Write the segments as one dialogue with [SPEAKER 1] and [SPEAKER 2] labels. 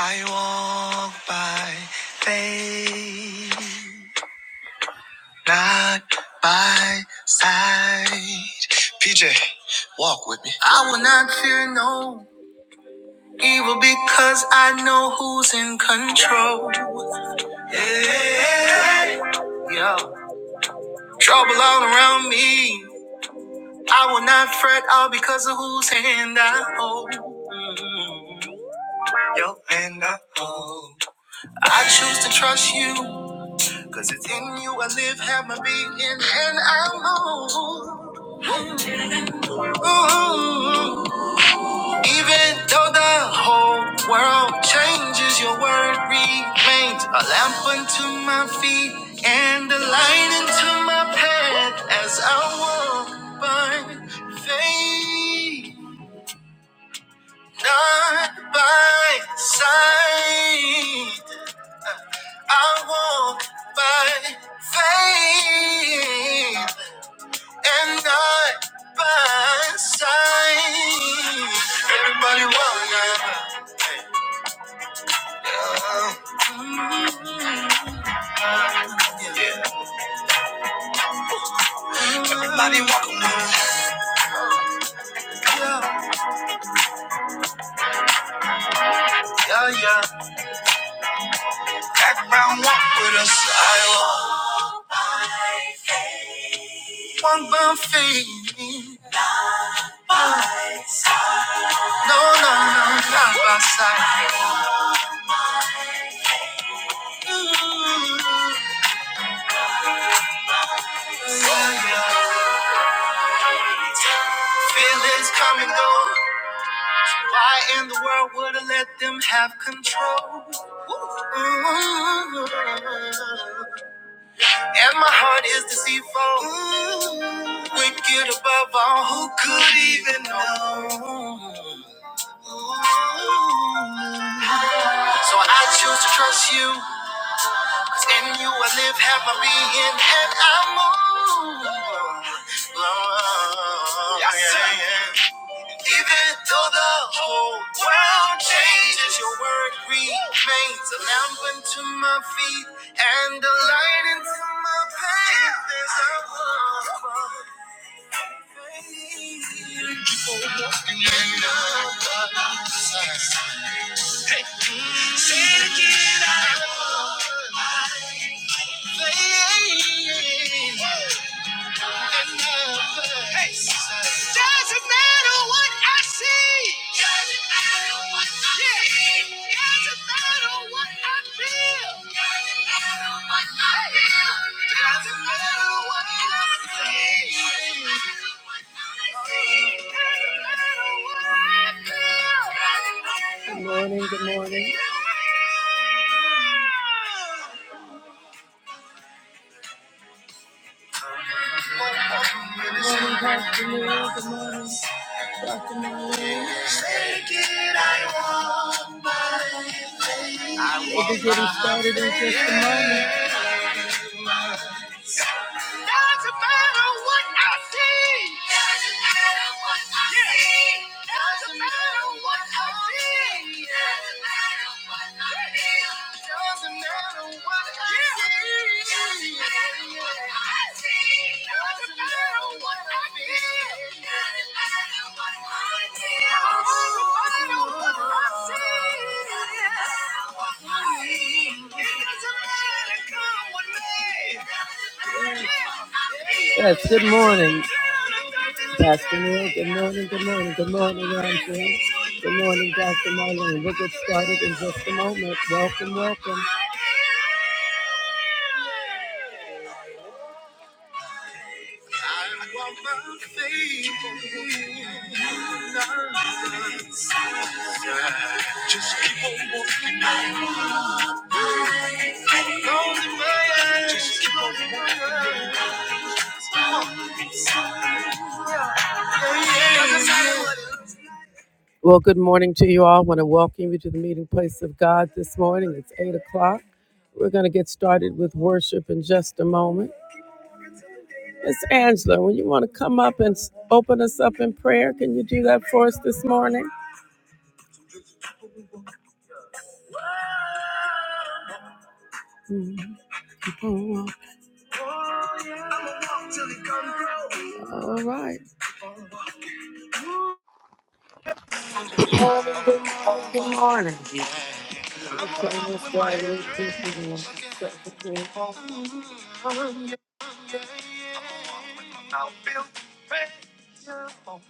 [SPEAKER 1] I walk by faith, not by sight. PJ, walk with me. I will not fear no evil because I know who's in control. Yeah. Yo. Trouble all around me. I will not fret all because of whose hand I hold. Mm. Your hand I hold. I choose to trust you, cause it's in you I live, have my being, and I move. Ooh, even though the whole world changes, your word remains a lamp unto my feet and a light into my path as I walk by faith, not by sight. I walk by faith and not by sight. Everybody walk now. Yeah. Everybody walk now. Yeah, yeah, yeah. Background walk with us. I walk, walk by faith. No, no, no, not by sight. Mm, Yeah, yeah. Feelings come and go. Why in the world would I let them have control? Ooh. And my heart is deceitful, Ooh. wicked above all. Who could even know? Ooh. So I choose to trust you, 'cause in you I live, have my being, and I move. Lord, yes, sir. Yeah, yeah. Even though the whole world changes, your word remains a lamp unto my feet and a light into my path as I walk by faith. Keep on walking in the light. Say it again, I love faith. Hey, doesn't matter what I see. Doesn't matter what I yeah. see. Doesn't matter what I feel. Doesn't matter what I feel. Doesn't matter what I see. Doesn't matter what I see. Doesn't matter what I feel. Doesn't matter what I feel. Good morning, good morning. it, We'll be getting started in just a moment. Doesn't matter what I see. Doesn't matter what I Yeah. see. Doesn't matter what I feel. Doesn't matter what I feel. Doesn't matter what I Yeah. see. Doesn't matter what I see. Yes, good morning, Pastor Neil. Good morning, good morning, good morning, Andrew. Good morning, Dr. Marlene. We'll get started in just a moment. Welcome, welcome. I want my faith. Well, good morning to you all. I want to welcome you to the meeting place of God this morning. It's 8 o'clock. We're going to get started with worship in just a moment. Miss Angela, when you want to come up and s- open us up in prayer, can you do that for us this morning? All right.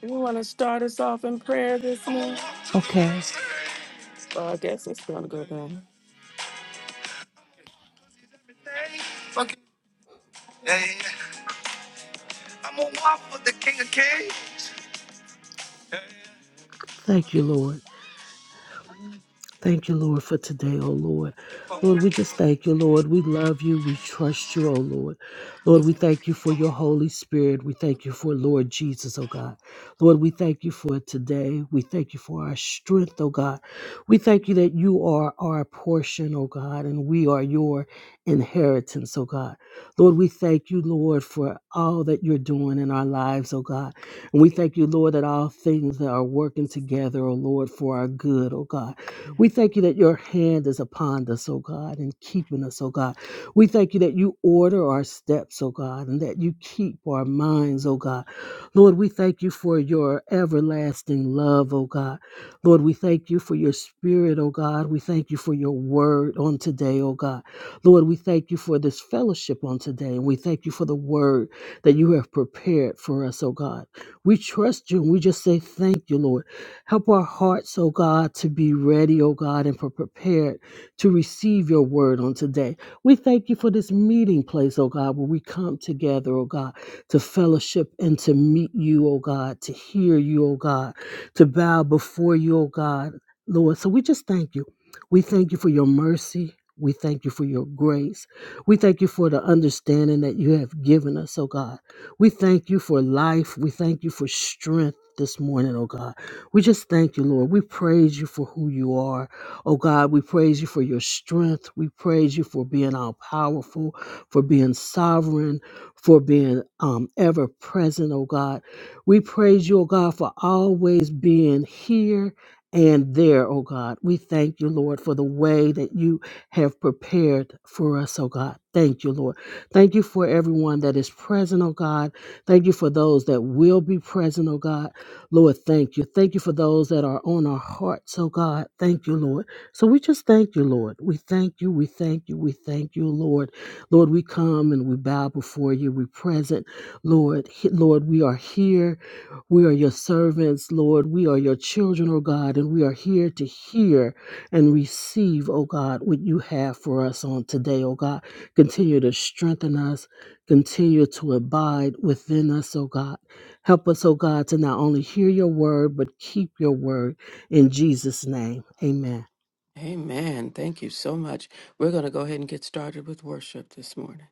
[SPEAKER 1] You want to start us off in prayer this morning?
[SPEAKER 2] Okay.
[SPEAKER 1] Well, I guess it's going to go down.
[SPEAKER 2] Thank you, Lord. Thank you, Lord, for today, oh Lord. Lord, we just thank you, Lord. We love you. We trust you, oh Lord. Lord, we thank you for your Holy Spirit. We thank you for Lord Jesus, oh God. Lord, we thank you for today. We thank you for our strength, oh God. We thank you that you are our portion, oh God, and we are your inheritance, oh God. Lord, we thank you, Lord, for all that you're doing in our lives, oh God. And we thank you, Lord, that all things that are working together, oh Lord, for our good, oh God. We thank you that your hand is upon us, O God, and keeping us, O God. We thank you that you order our steps, O God, and that you keep our minds, O God. Lord, we thank you for your everlasting love, O God. Lord, we thank you for your spirit, O God. We thank you for your word on today, O God. Lord, we thank you for this fellowship on today, and we thank you for the word that you have prepared for us, O God. We trust you, and we just say thank you, Lord. Help our hearts, O God, to be ready, O God, and for prepared to receive your word on today. We thank you for this meeting place, O God, where we come together, O God, to fellowship and to meet you, O God, to hear you, O God, to bow before you, O God, Lord. So we just thank you. We thank you for your mercy. We thank you for your grace. We thank you for the understanding that you have given us, O God. We thank you for life. We thank you for strength this morning, O God. We just thank you, Lord. We praise you for who you are. Oh God, we praise you for your strength. We praise you for being all powerful, for being sovereign, for being um, ever present, oh God. We praise you, oh God, for always being here and there, oh God. We thank you, Lord, for the way that you have prepared for us, oh God. Thank you, Lord. Thank you for everyone that is present, oh God. Thank you for those that will be present, oh God. Lord, thank you. Thank you for those that are on our hearts, oh God. Thank you, Lord. So we just thank you, Lord. We thank you. We thank you. We thank you, Lord. Lord, we come and we bow before you. We present, Lord. He- Lord, we are here. We are your servants, Lord. We are your children, oh God, and we are here to hear and receive, oh God, what you have for us on today, oh God. Continue to strengthen us. Continue to abide within us, oh God. Help us, O God, to not only hear your word, but keep your word. In Jesus' name, amen.
[SPEAKER 1] Amen. Thank you so much. We're going to go ahead and get started with worship this morning.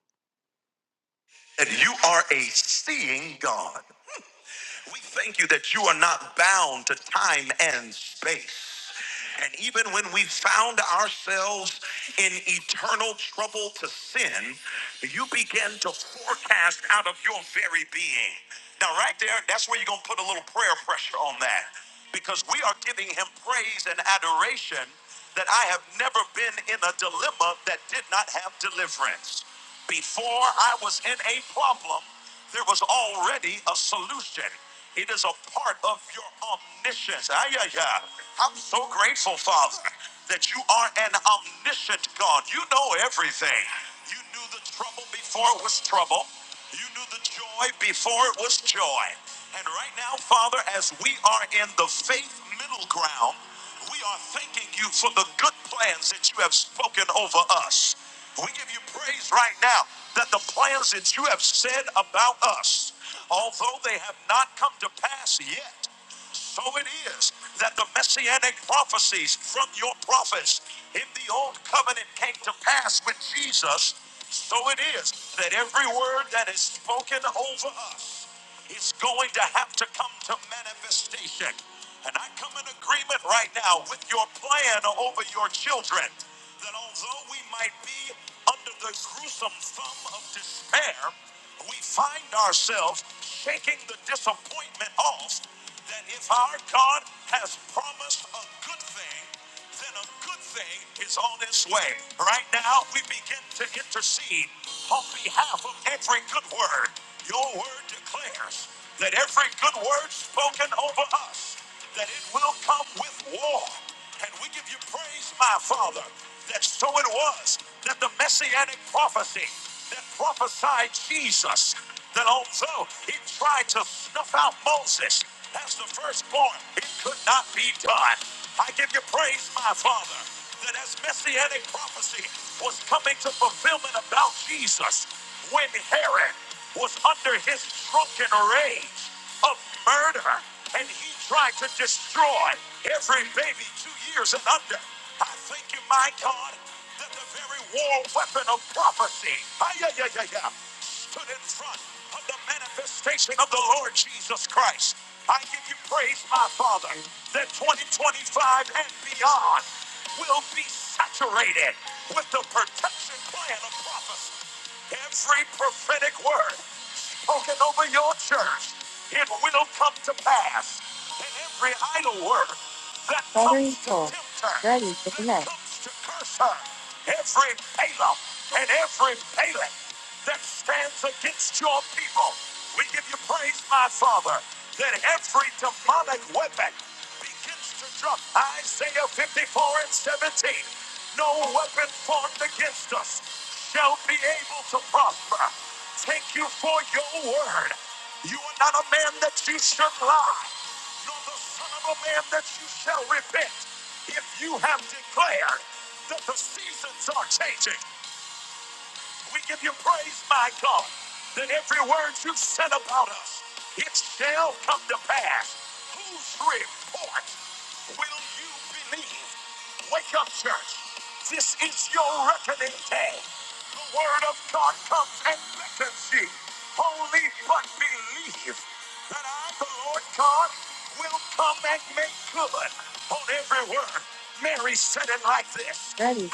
[SPEAKER 1] Ready.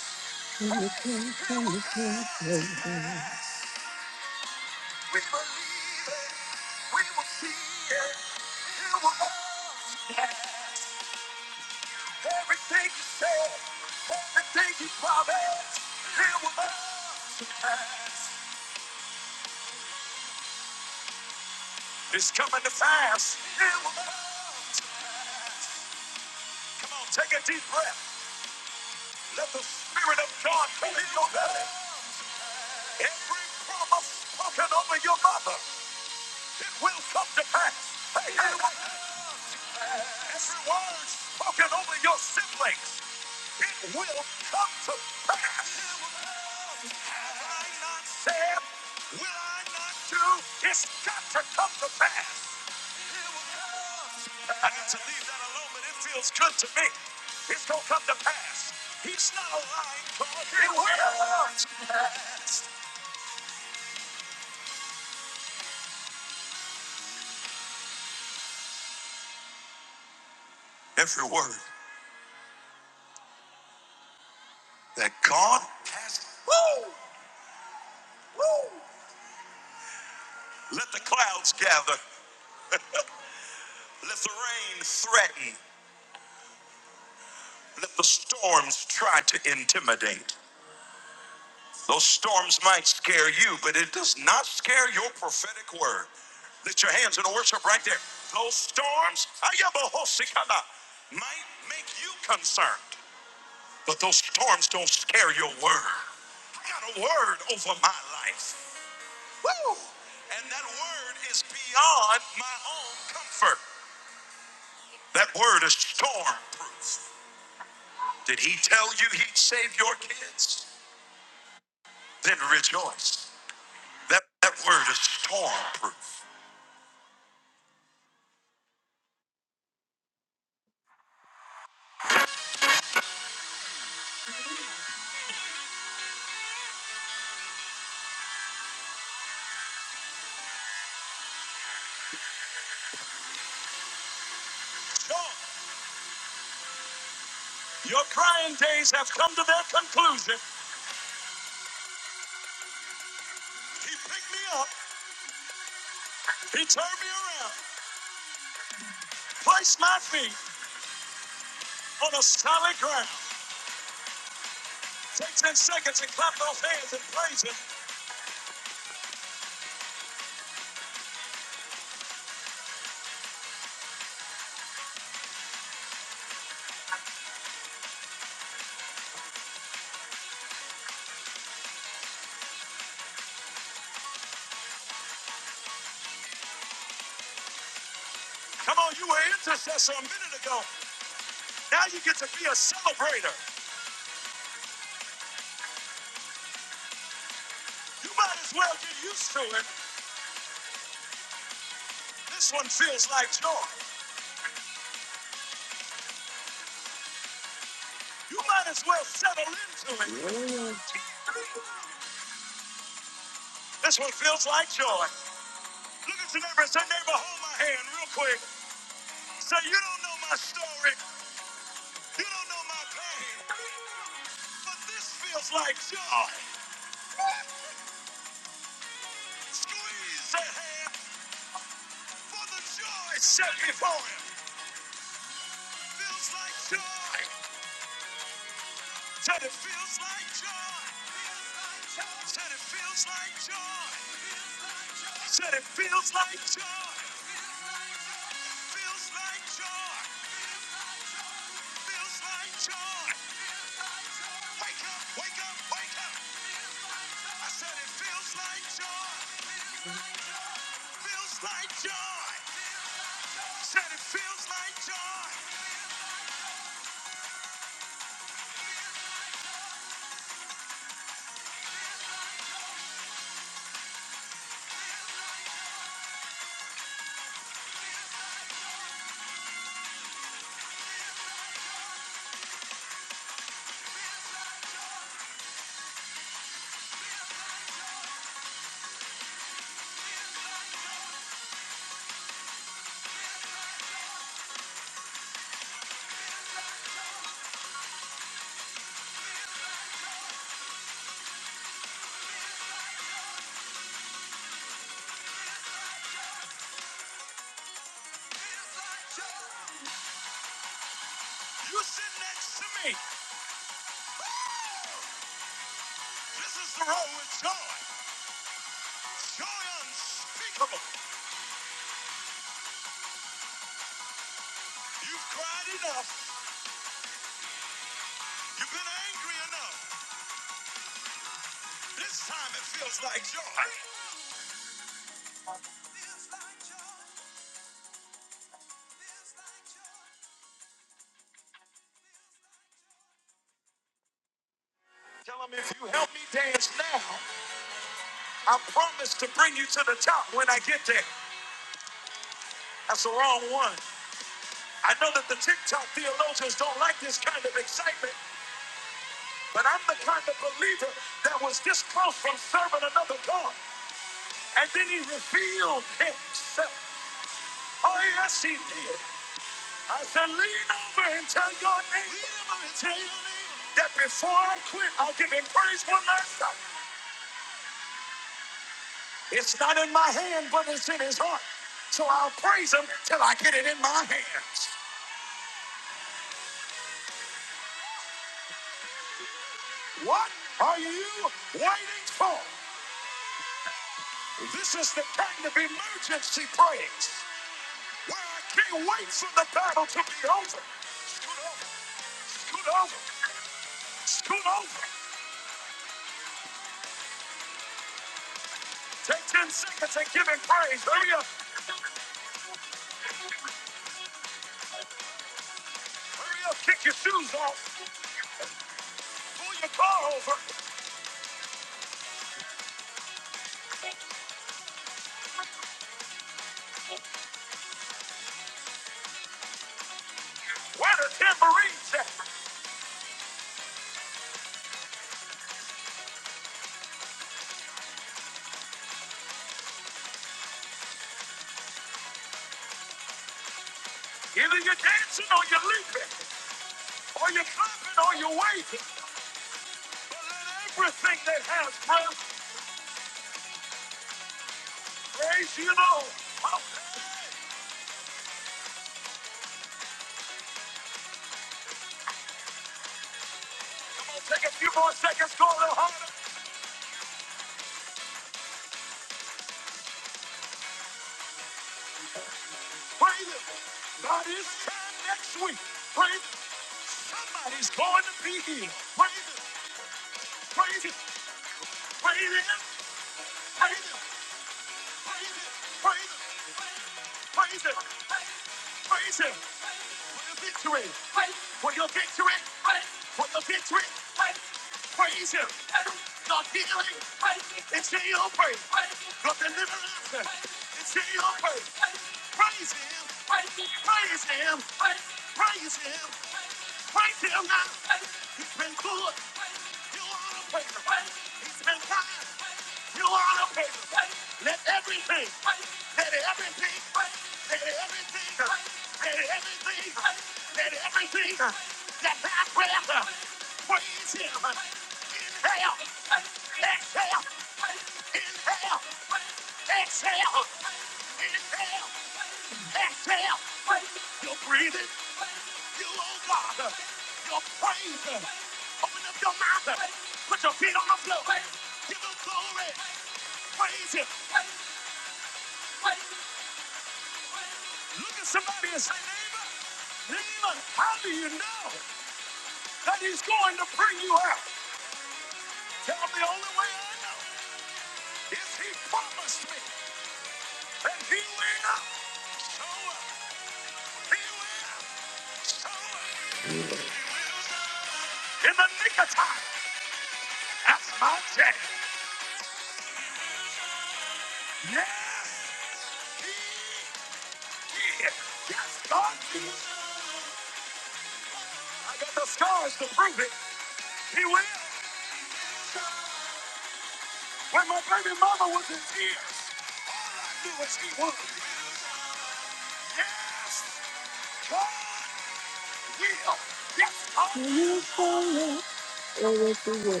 [SPEAKER 1] Oh, yes, He will.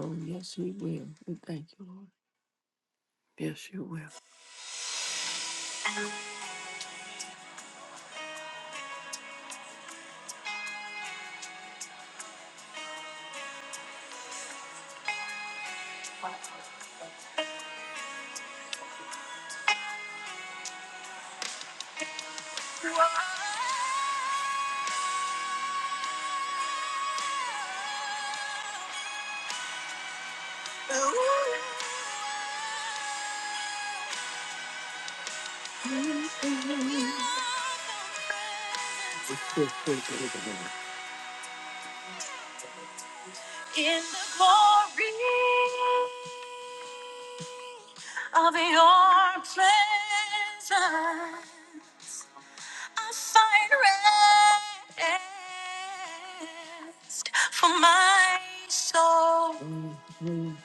[SPEAKER 1] Oh, yes, he will. We thank you, Lord. Yes, you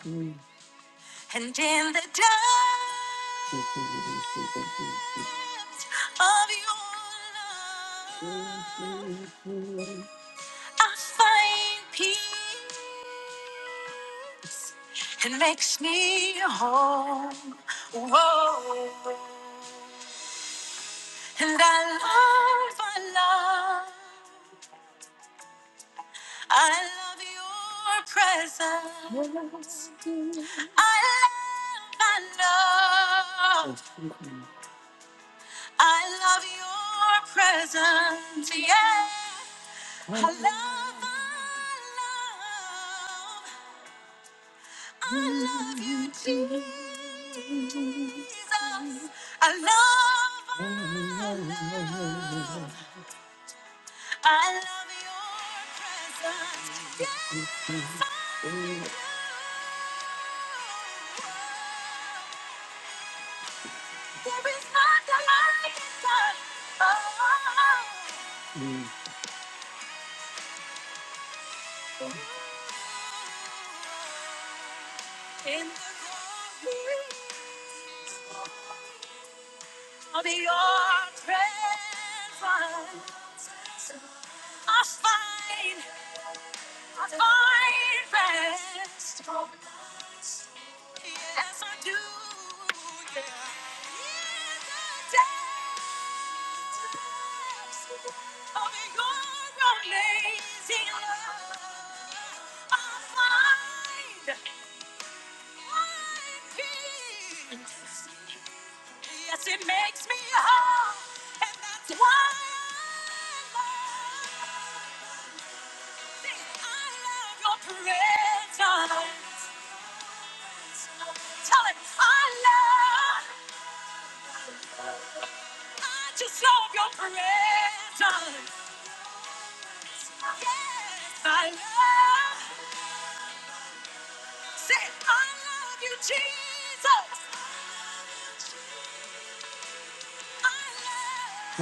[SPEAKER 1] will.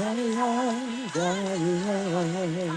[SPEAKER 1] Everything, everything,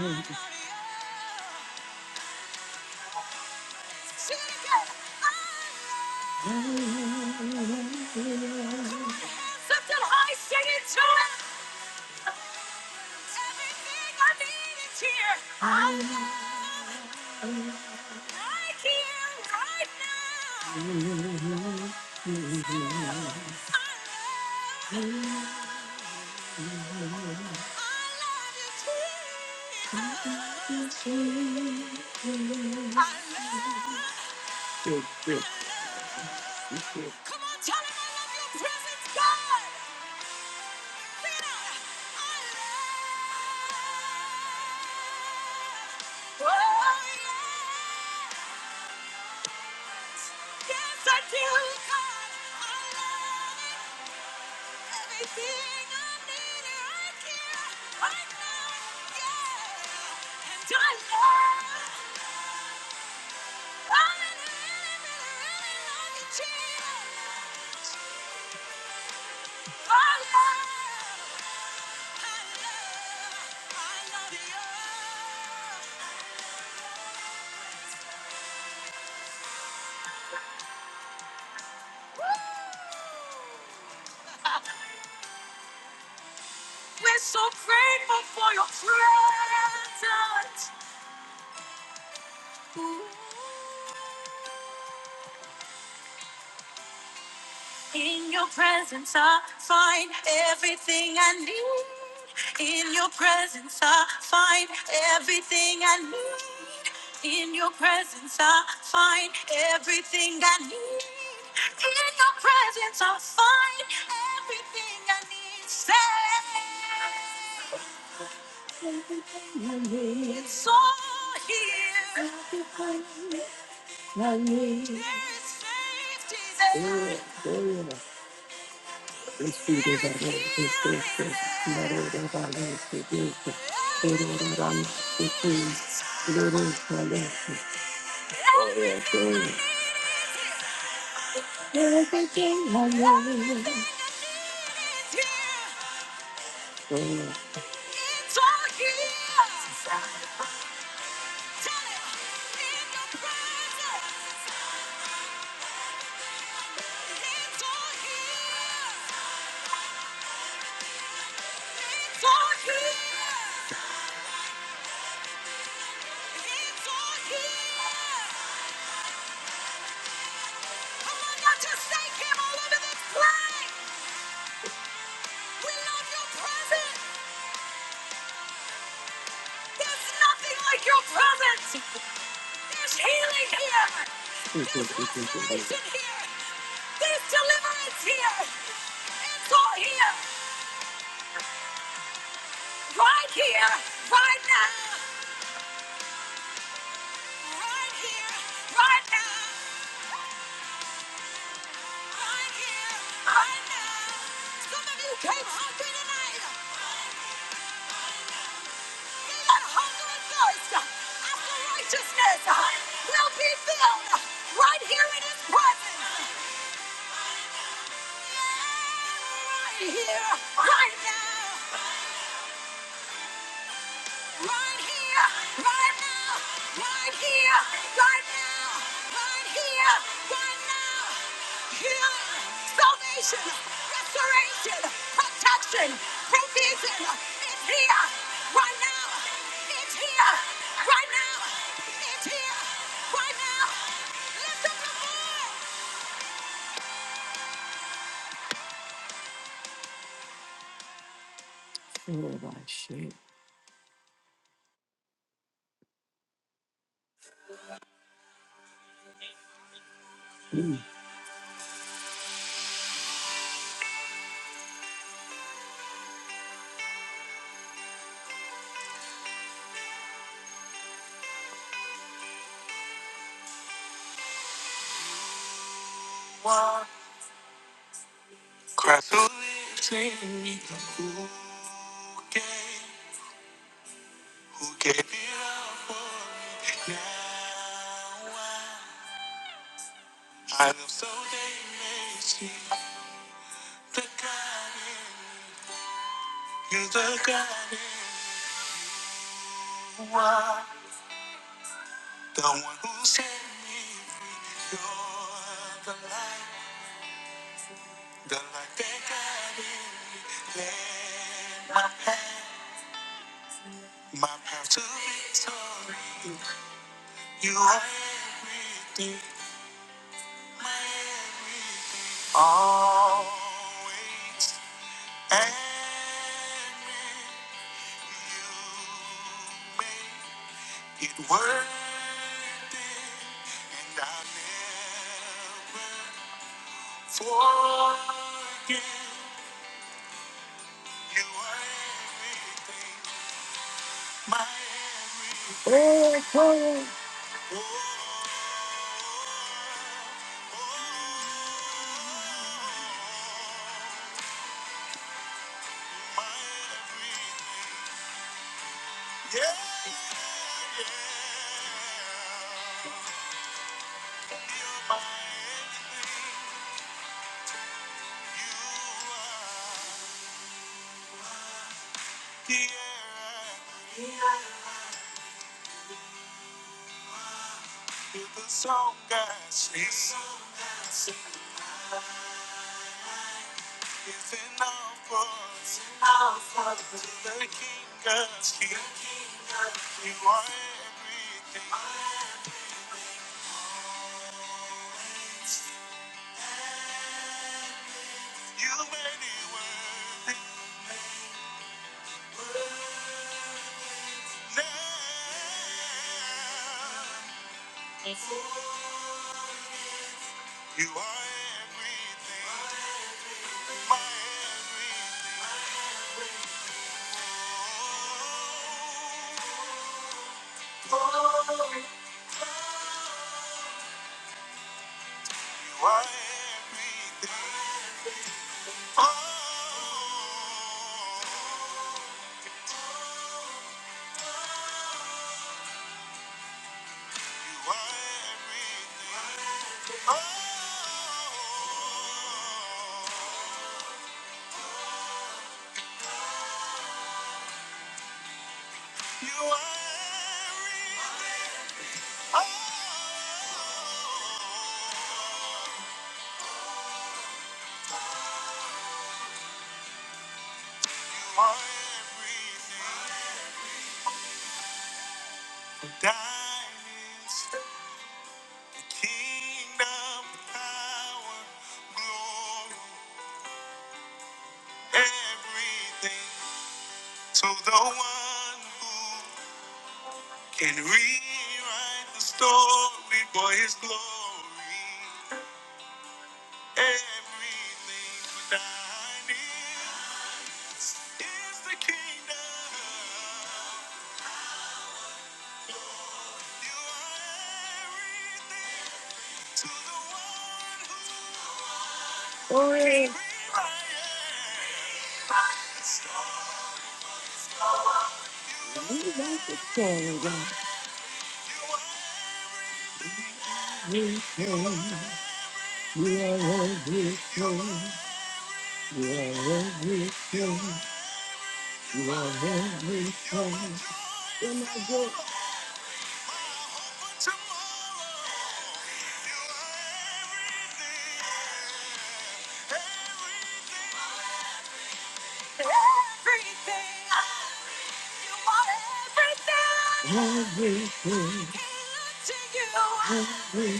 [SPEAKER 1] everything,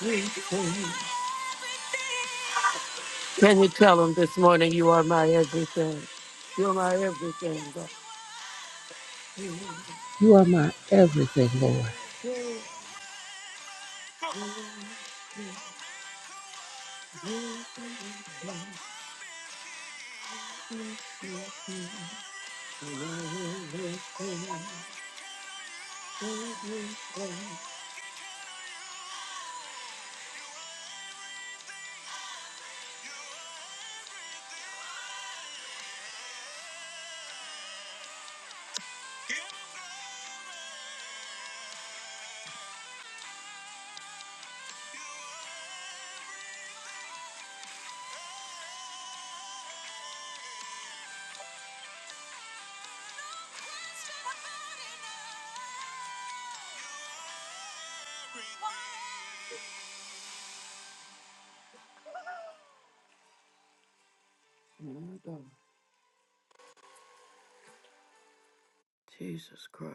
[SPEAKER 1] everything. Can you tell him this morning you are my everything? You're my everything, God.
[SPEAKER 2] You are my everything, Lord.
[SPEAKER 1] Jesus Christ.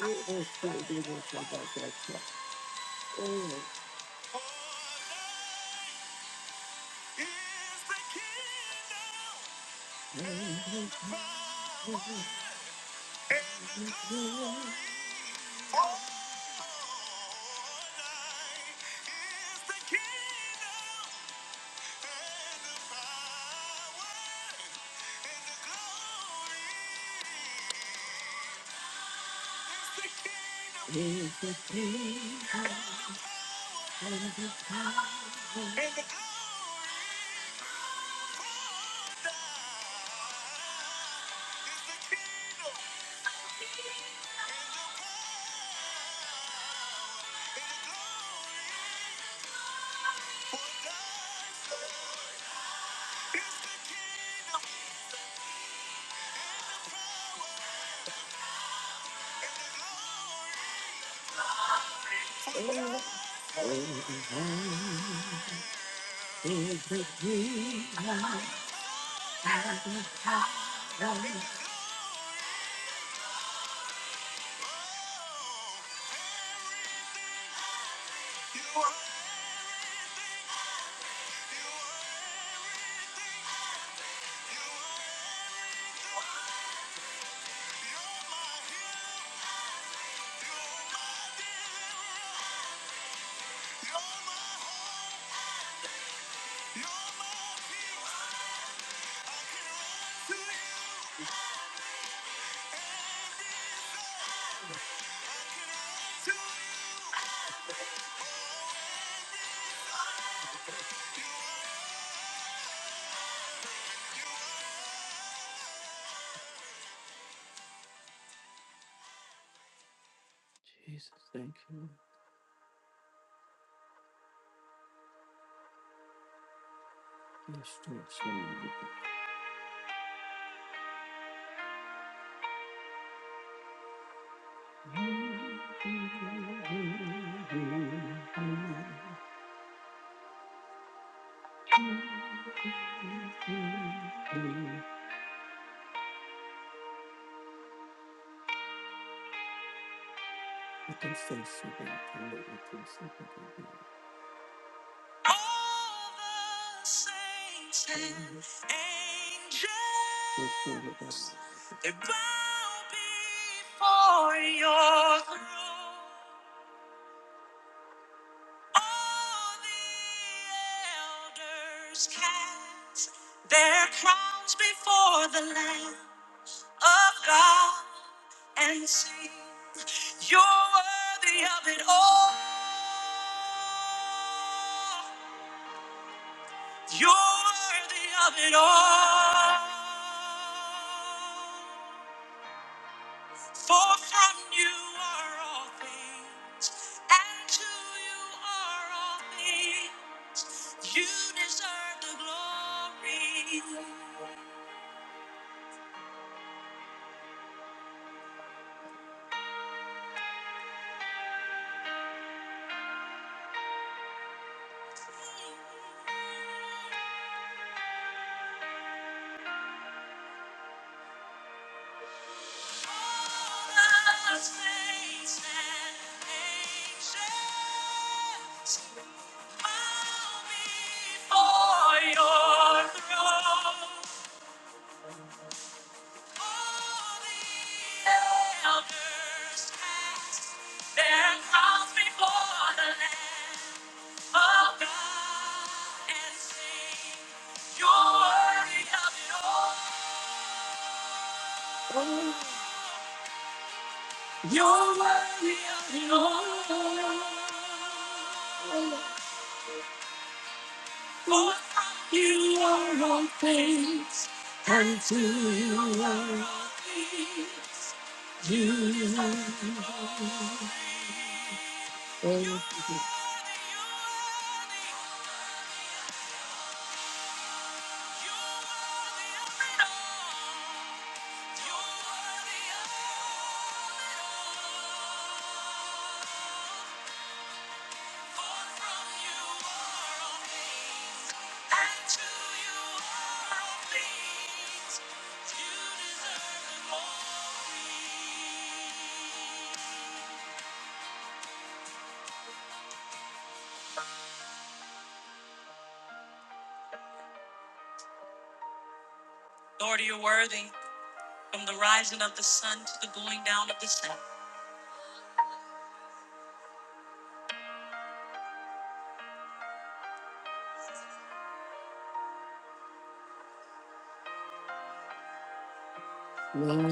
[SPEAKER 1] Man,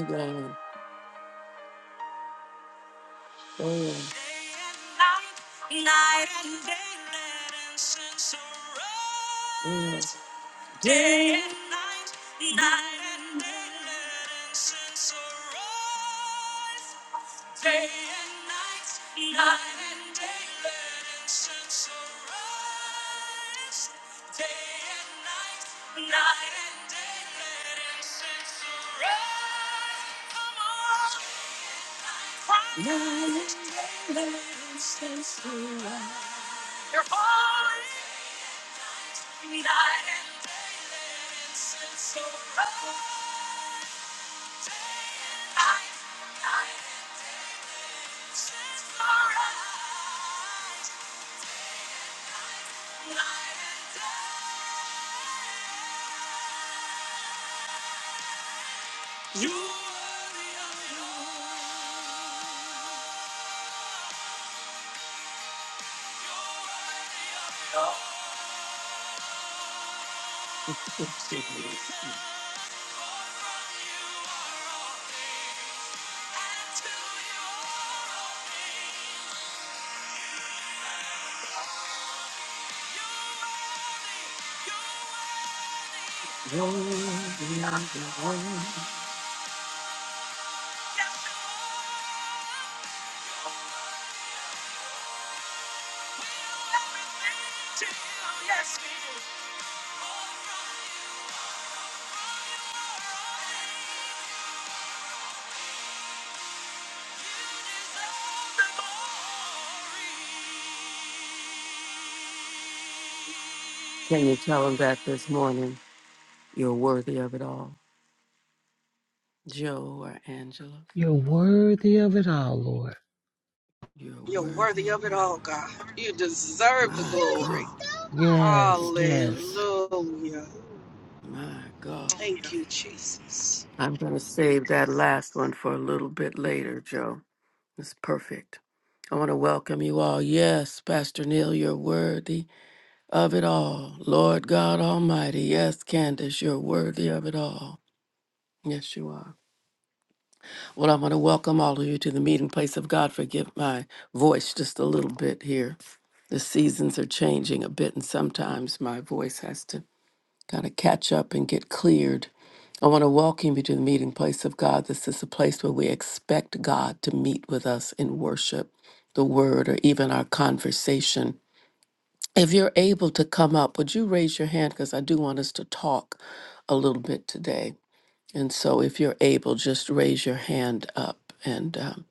[SPEAKER 1] man, man. Can you tell him that this morning you're worthy of it all? Joe or Angela,
[SPEAKER 2] You're worthy of it all, Lord.
[SPEAKER 1] you're
[SPEAKER 3] You're
[SPEAKER 1] worthy
[SPEAKER 3] worthy
[SPEAKER 1] of
[SPEAKER 3] of it
[SPEAKER 1] it all.
[SPEAKER 3] all, God. You deserve the
[SPEAKER 1] My
[SPEAKER 3] glory.
[SPEAKER 1] God, you
[SPEAKER 2] Yes,
[SPEAKER 1] deserve it.
[SPEAKER 2] yes.
[SPEAKER 3] Hallelujah.
[SPEAKER 1] My God.
[SPEAKER 3] Thank you, Jesus.
[SPEAKER 1] I'm going to save that last one for a little bit later, Joe. It's perfect. I want to welcome you all. Yes, Pastor Neil, you're worthy of it all. Lord God Almighty. Yes, Candace, you're worthy of it all. Yes, you are. Well, I want to welcome all of you to the meeting place of God. Forgive my voice just a little bit here. The seasons are changing a bit, and sometimes my voice has to Got to catch up and get cleared. I want to welcome you to the meeting place of God. This is a place where we expect God to meet with us in worship, the word, or even our conversation. If you're able to come up, would you raise your hand? Because I do want us to talk a little bit today. And so if you're able, just raise your hand up. And um,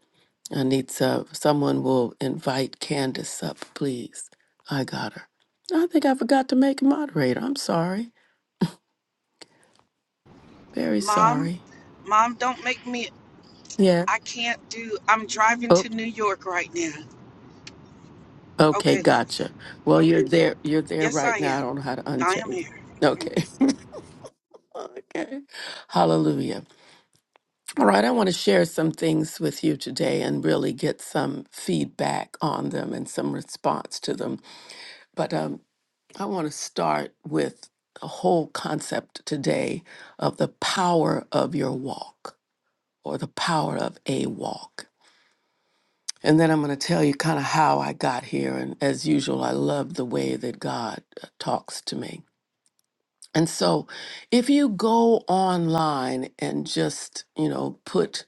[SPEAKER 1] I need some, someone will invite Candace up, please. I got her. I think I forgot to make a moderator. I'm sorry. Very
[SPEAKER 3] Mom,
[SPEAKER 1] sorry.
[SPEAKER 3] Mom, don't make me.
[SPEAKER 1] Yeah.
[SPEAKER 3] I can't do. I'm driving
[SPEAKER 1] Oh,
[SPEAKER 3] to New York right now.
[SPEAKER 1] okay.
[SPEAKER 3] Okay, love.
[SPEAKER 1] Gotcha. Well, you're there. You're there
[SPEAKER 3] Yes, I
[SPEAKER 1] right now. I
[SPEAKER 3] am.
[SPEAKER 1] don't know how to
[SPEAKER 3] I am
[SPEAKER 1] unchange.
[SPEAKER 3] here.
[SPEAKER 1] Okay. Okay. Hallelujah. All right. I want to share some things with you today and really get some feedback on them and some response to them. But um, I want to start with the whole concept today of the power of your walk or the power of a walk. And then I'm going to tell you kind of how I got here. And as usual, I love the way that God uh, talks to me. And so if you go online and just, you know, put,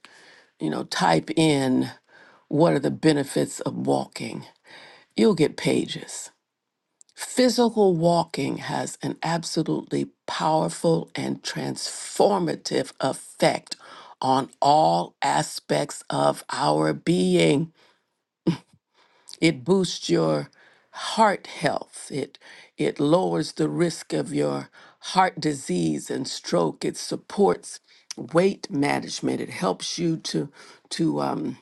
[SPEAKER 1] you know, type in what are the benefits of walking, you'll get pages. Physical walking has an absolutely powerful and transformative effect on all aspects of our being. it boosts your heart health it it lowers the risk of your heart disease and stroke it supports weight management it helps you to to um,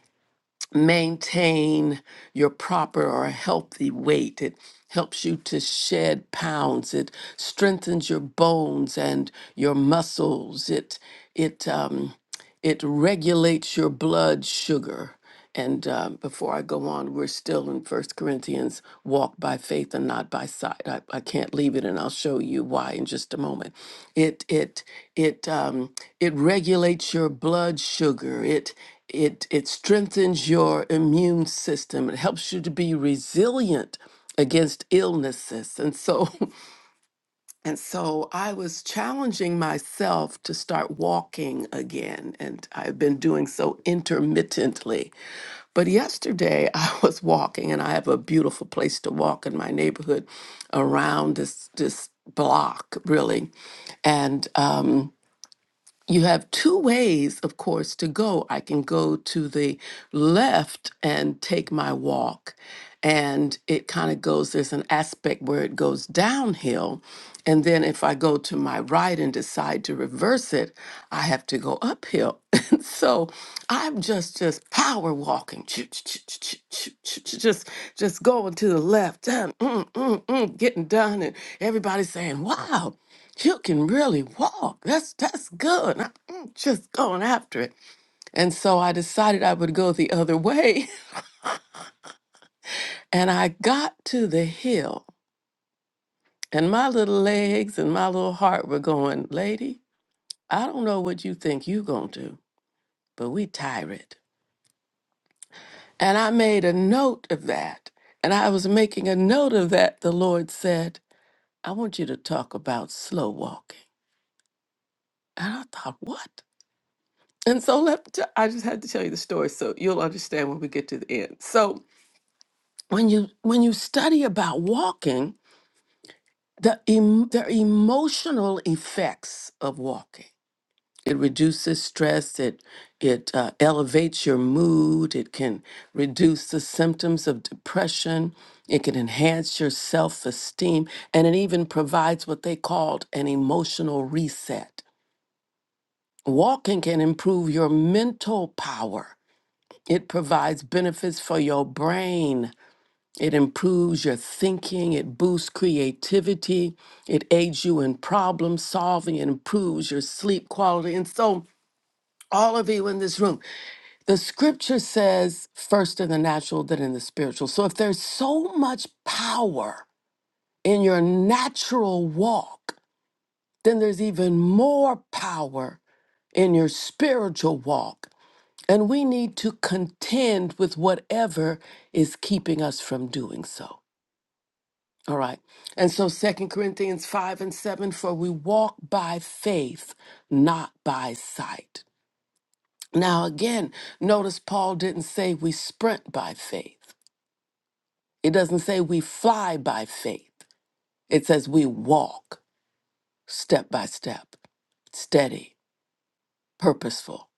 [SPEAKER 1] maintain your proper or healthy weight it helps you to shed pounds it strengthens your bones and your muscles it it um, it regulates your blood sugar. And uh, before I go on, we're still in First Corinthians, walk by faith and not by sight. I, I can't leave it, and I'll show you why in just a moment. It it it um, it regulates your blood sugar. It it it strengthens your immune system. It helps you to be resilient against illnesses. And so And so I was challenging myself to start walking again. And I've been doing so intermittently. But yesterday I was walking, played in my neighborhood, around this block, really. And uh, two ways, of course, to go. I can go to the left and take my walk. And it kind of goes, there's an aspect where it's downhill. And then if I go to my right and decide to reverse it, I have to go uphill. So I'm just just power walking, choo- choo- choo- choo- choo- choo- choo- just just going to the left, done, mm, mm, mm, getting done, and everybody's saying, "Wow, you can really walk. That's that's good." And i mm, just going after it, and so I decided I would go the other way, and I got to the hill, and my little legs and my little heart were going, "Lady, I don't know what you think you gonna do, but we tired." And I made a note of that. And I was making a note of that. The Lord said, I want you to talk about slow walking. And I thought, what? And so let t- I just had to tell you the story so you'll understand when we get to the end. So when you when you study about walking, the em- the emotional effects of walking. It reduces stress. It it uh, elevates your mood. It can reduce the symptoms of depression. It can enhance your self esteem, and it even provides what they called an emotional reset. Walking can improve your mental power. It provides benefits for your brain. It improves your thinking. It boosts creativity. It aids you in problem solving. It improves your sleep quality. And so, all of you in this room, The scripture says, first in the natural, then in the spiritual. So if there's so much power in your natural walk, then there's even more power in your spiritual walk. And we need to contend with whatever is keeping us from doing so. All right. And so Second Corinthians 5 and 7 for we walk by faith, not by sight. Now, again, notice Paul didn't say we sprint by faith. It doesn't say we fly by faith, it says we walk step by step, steady, purposeful,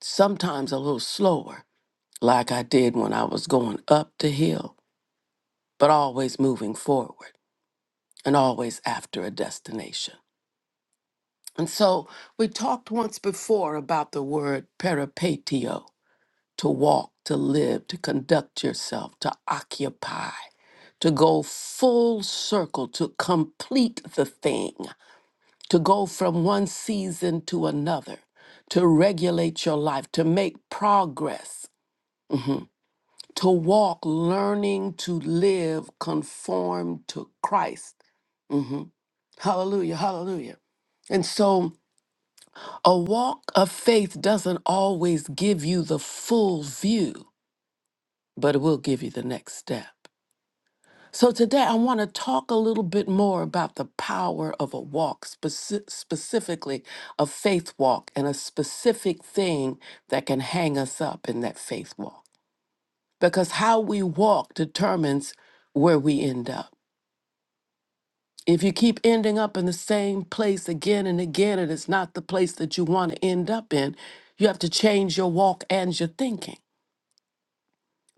[SPEAKER 1] sometimes a little slower, like I did when I was going up the hill, but always moving forward and always after a destination. And so we talked once before about the word peripatio to walk, to live, to conduct yourself, to occupy, to go full circle, to complete the thing. to go from one season to another, to regulate your life, to make progress, mhm, to walk, learning to live conform to Christ. Mhm. Hallelujah, hallelujah. And so a walk of faith doesn't always give you the full view, but it will give you the next step. So, today I want to talk a little bit more about the power of a walk, speci- specifically a faith walk, and a specific thing that can hang us up in that faith walk. Because how we walk determines where we end up. If you keep ending up in the same place again and again, and it's not the place that you want to end up in, you have to change your walk and your thinking.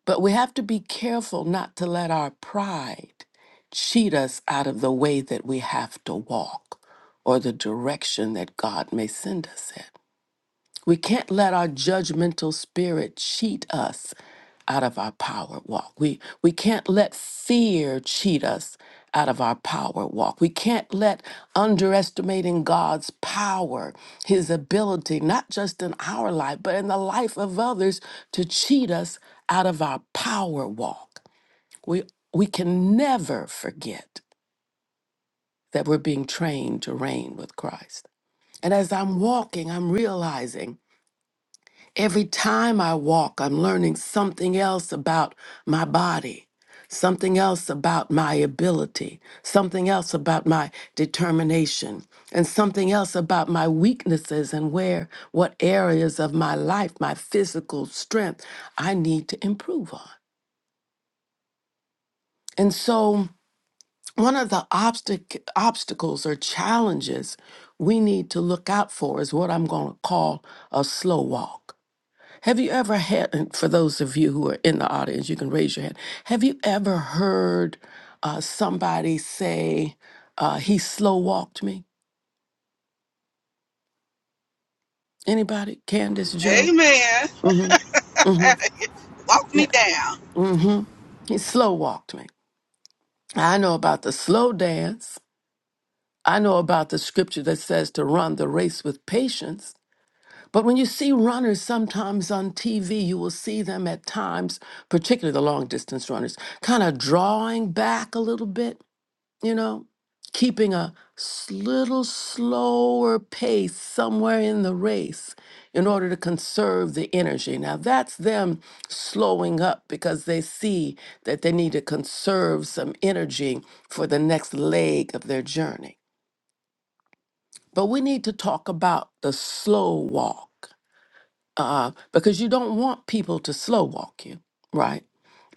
[SPEAKER 1] But we have to be careful not to let our pride cheat us out of the way that we have to God may send judgmental spirit us out of our power. We we can't let fear ch- us out of our power walk. We can't let underestimating God's power, his ability, not just in our life, but in the life of others to cheat us out of our power walk. Can never forget that we're being trained to reign with Christ. And as I'm walking, I'm realizing Every time I walk, I'm learning something else about my body, something else about my ability, something else about my determination, and something else about my weaknesses and where, what areas of my life, my physical strength, I need to improve on. And so, one of the obstac- obstacles or challenges we need to look out for is what I'm going to call a slow walk. Have you ever had, and for those of you who are in the audience, you can raise your hand. Have you ever heard uh, somebody say, uh, he slow walked me? Anybody? Candace Joe?
[SPEAKER 3] Amen.
[SPEAKER 1] mm hmm mm hmm
[SPEAKER 3] Walk
[SPEAKER 1] Yeah.
[SPEAKER 3] me down.
[SPEAKER 1] mm hmm He slow walked me. I know about the slow dance. I know about the scripture that says to run the race with patience. But when you see runners sometimes on TV, you will see them at times, particularly the long distance runners, kind of drawing back a little bit. you know, keeping a s- little slower pace somewhere in the race in order to conserve the energy. Now, that's them slowing up because they see that they need to conserve some energy for the next leg of their journey. But we need to talk about the slow walk uh, because you don't want people to slow walk you, right?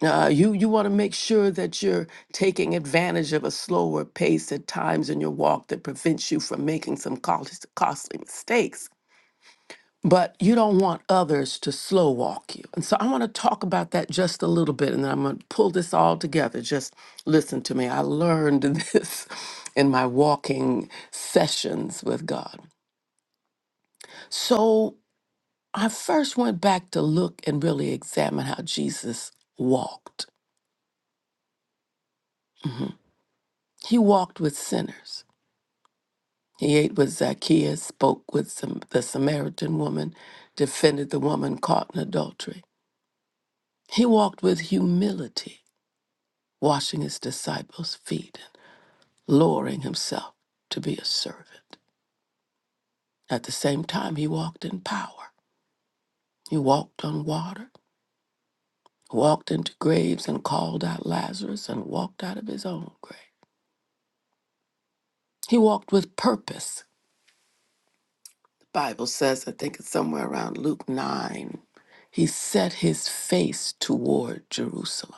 [SPEAKER 1] Uh, you you want to make sure that you're taking advantage of a slower pace at times in your walk that prevents you from making some cost- costly mistakes. But you don't want others to slow walk you. And so I want to talk about that just a little bit, and then I'm going to pull this all together. Just listen to me. I learned this in my walking sessions with God. So I first went back to look and really examine how Jesus walked. He walked with sinners. He ate with Zacchaeus, spoke with some, the Samaritan woman, defended the woman caught in adultery. He walked with humility, washing his disciples' feet and lowering himself to be a servant. At the same time, he walked in power. He walked on water, walked into graves and called out Lazarus and walked out of his own grave. He walked with purpose. Bible says, I think it's somewhere around Luke 9, he set his face toward Jerusalem.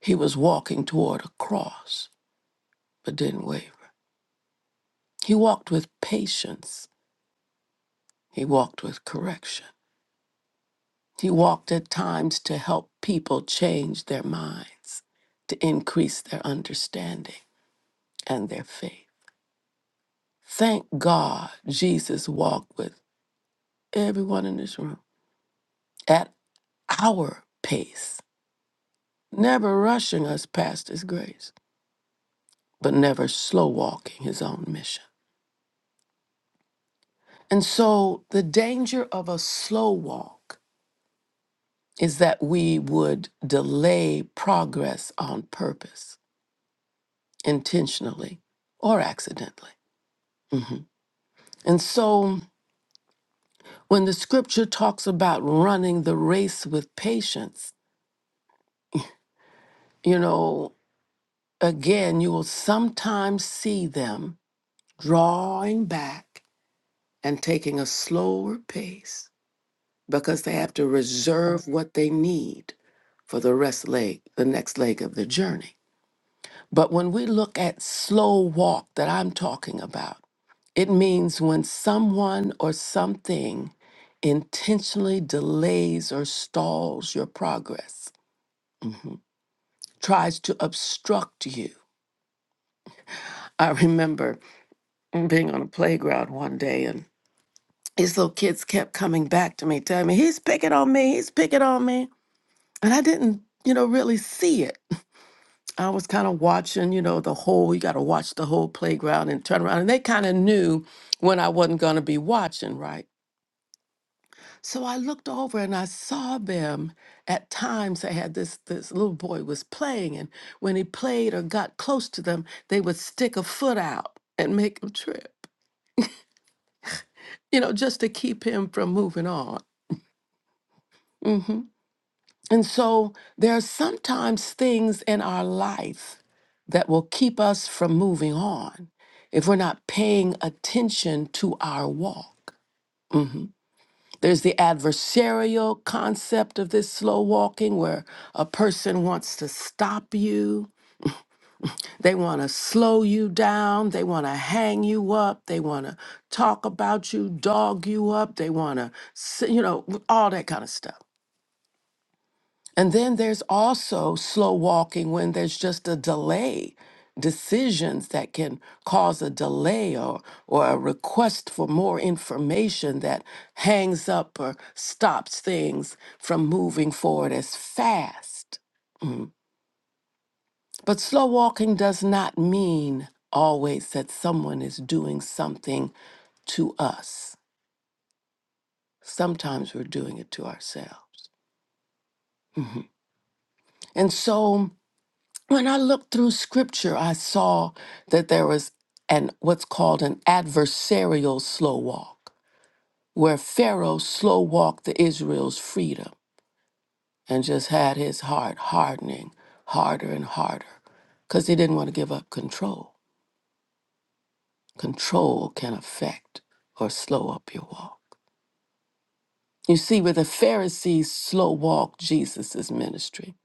[SPEAKER 1] He was walking toward a cross, but didn't waver. He walked with patience, he walked with correction. He walked at times to help people change their minds, to increase their understanding and their faith. Thank God Jesus walked with everyone in this room at our pace never rushing us past his grace, but never slow walking his own mission. And so the danger of a slow walk is that we would delay progress on purpose, intentionally or accidentally. Mhm. And so when the scripture talks about running the race with patience, you know, again, you will sometimes see them drawing back and taking a slower pace because they have to reserve what they need for the rest leg, the next leg of the journey. But when we look at slow walk that I'm talking about, it means when someone or something intentionally delays or stalls your progress, tries to obstruct you. I remember being on a playground one day and these little kids kept coming back to me, telling me, he's picking on me, he's picking on me. And I didn't, you know, really see it. I was kind of watching, you know, the whole, you got to watch the whole playground and turn around. And they kind of knew when I wasn't going to be watching, right? So I looked over and I saw them at times. They had this, this little boy was playing, and when he played or got close to them, they would stick a foot out and make him trip, you know, just to keep him from moving on. Mm-hmm. And so there are sometimes things in our life that will keep us from moving on if we're not paying attention to our walk. There's the adversarial concept of this slow walking where a person wants to stop you, they want to slow you down, they want to hang you up, they want to talk about you, dog you up, they want to, you know, all that kind of stuff. And then there's also slow walking when there's just a delay, decisions that can cause a delay or, or a request for more information that hangs up or stops things from moving forward as fast. Mm. But slow walking does not mean always that someone is doing something to us. Sometimes we're doing it to ourselves. And so, When I looked through scripture, I saw that there was an what's called an adversarial slow walk, where Pharaoh slow walked the Israel's freedom and just had his heart hardening harder and harder because he didn't want to give up control. Control can affect or slow up your walk. You see, where the Pharisees slow walked Jesus' ministry.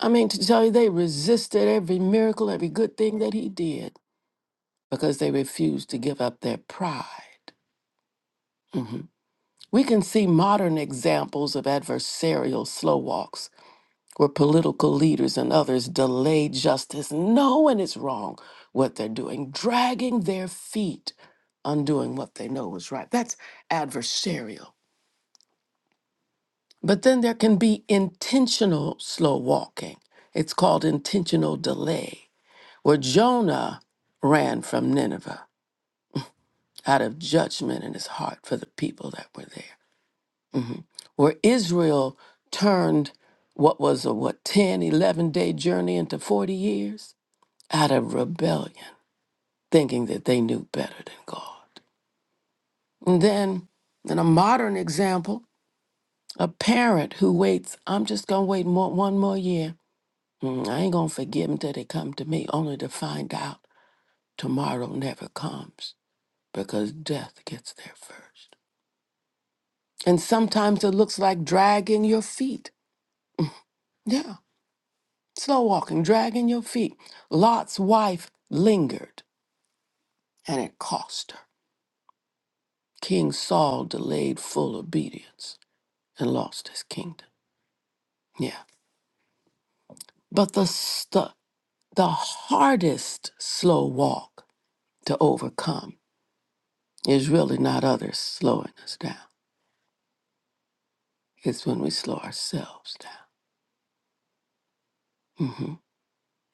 [SPEAKER 1] I mean, to tell you, they resisted every miracle, every good thing that he did. because they refuse to give up their pride. We can see modern examples of adversarial slow walks where political leaders and others delay justice, knowing it's wrong what they're doing, dragging their feet, undoing what they know is right. That's adversarial. But then there can be intentional slow walking. It's called intentional delay, where Jonah ran from Nineveh out of judgment in his heart for the people that were there. where Israel turned what was a what ten, eleven day journey into 40 years out of rebellion thinking that they knew better than God. And then in a modern example, a parent who waits, I'm just going to wait more, one more year. Mm, I ain't going to forgive them till they come to me only to find out tomorrow never comes because death gets there first. And sometimes it looks like dragging your feet. Yeah. Slow walking, dragging your feet. Lot's wife lingered, and it cost her. King Saul delayed full obedience and lost his kingdom. Yeah. But the, st- the hardest slow walk to overcome is really not others slowing us down, it's when we slow ourselves down. Mhm.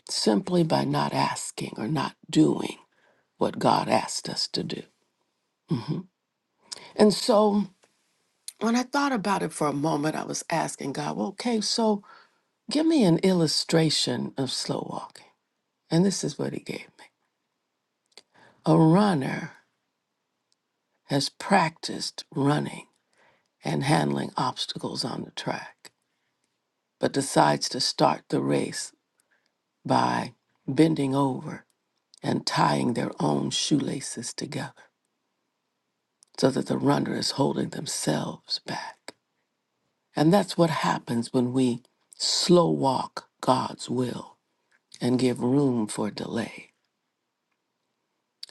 [SPEAKER 1] Simply by not asking or not doing what God asked us to do. And so. When I thought about it for a moment, I was asking God, well, okay, so give me an illustration of slow walking. And this is what he gave me. A runner has practiced running and handling obstacles on the track, but decides to start the race by bending over and tying their own shoelaces together so that the runner is holding themselves back. And that's what happens when we slow walk God's will. and give room for delay.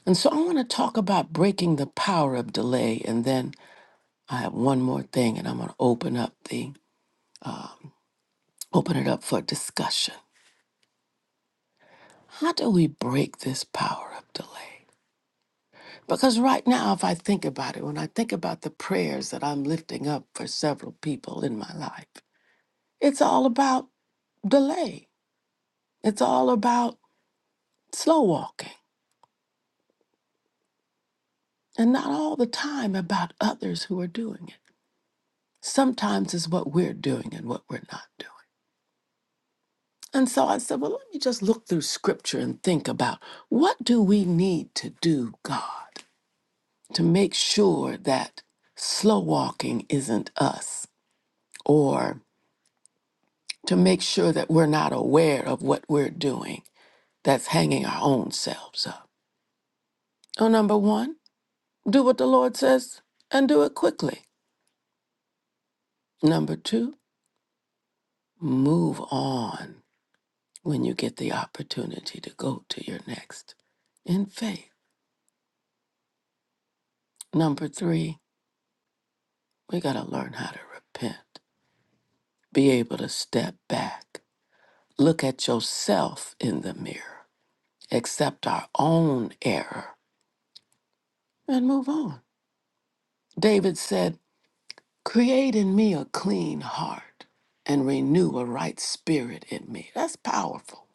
[SPEAKER 1] And so I want to talk about breaking the power of delay and then I have one more thing and I'm going to open up the open it up for discussion. How do we break this power of delay? Because right now if I think about it, when I think about the prayers that I'm lifting up for several people in my life, it's all about delay. It's all about slow walking and not all the time about others who are doing it. sometimes is what we're doing and what we're not doing. And so I said, well, let me just look through scripture and think about what do we need to do, God, to make sure that slow walking isn't us or to make sure that we're not aware of what we're doing that's hanging our own selves up. So number 1, do what the Lord says and do it quickly. Number 2, move on. when you get the opportunity to go to your next in faith. Number three, we got to learn how to repent, be able to step back, look at yourself in the mirror, accept our own error, and move on. David said, Create in me a clean heart and renew a right spirit in me. That's powerful.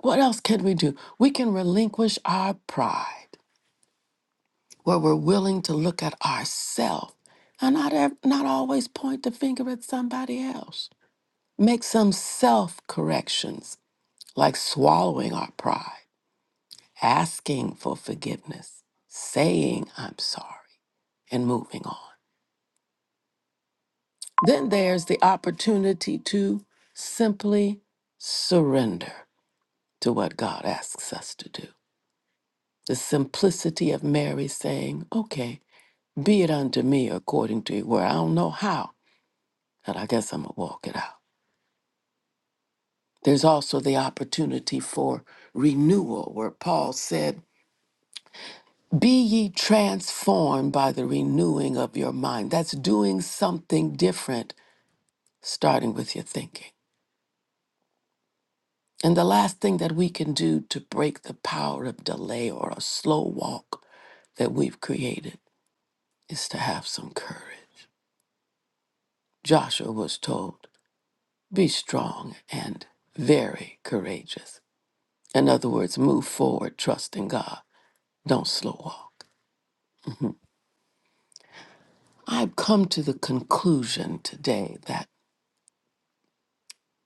[SPEAKER 1] What else can we do? We can relinquish our pride. where we're willing to look at ourselves and not, ev- not always point the finger at somebody else. Make some self corrections, like swallowing our pride, asking for forgiveness, saying, I'm sorry, and moving on. Then there's the opportunity to simply surrender to what God asks us to do. The simplicity of Mary saying, Okay, be it unto me according to your word. I don't know how, And I guess I'm going to walk it out. There's also the opportunity for renewal, where Paul said, Be ye transformed by the renewing of your mind. That's doing something different, starting with your thinking. And the last thing that we can do to break the power of delay or a slow walk that we've created is to have some courage. Joshua was told, Be strong and very courageous. In other words, move forward trust in God. Don't slow walk. I've come to the conclusion today that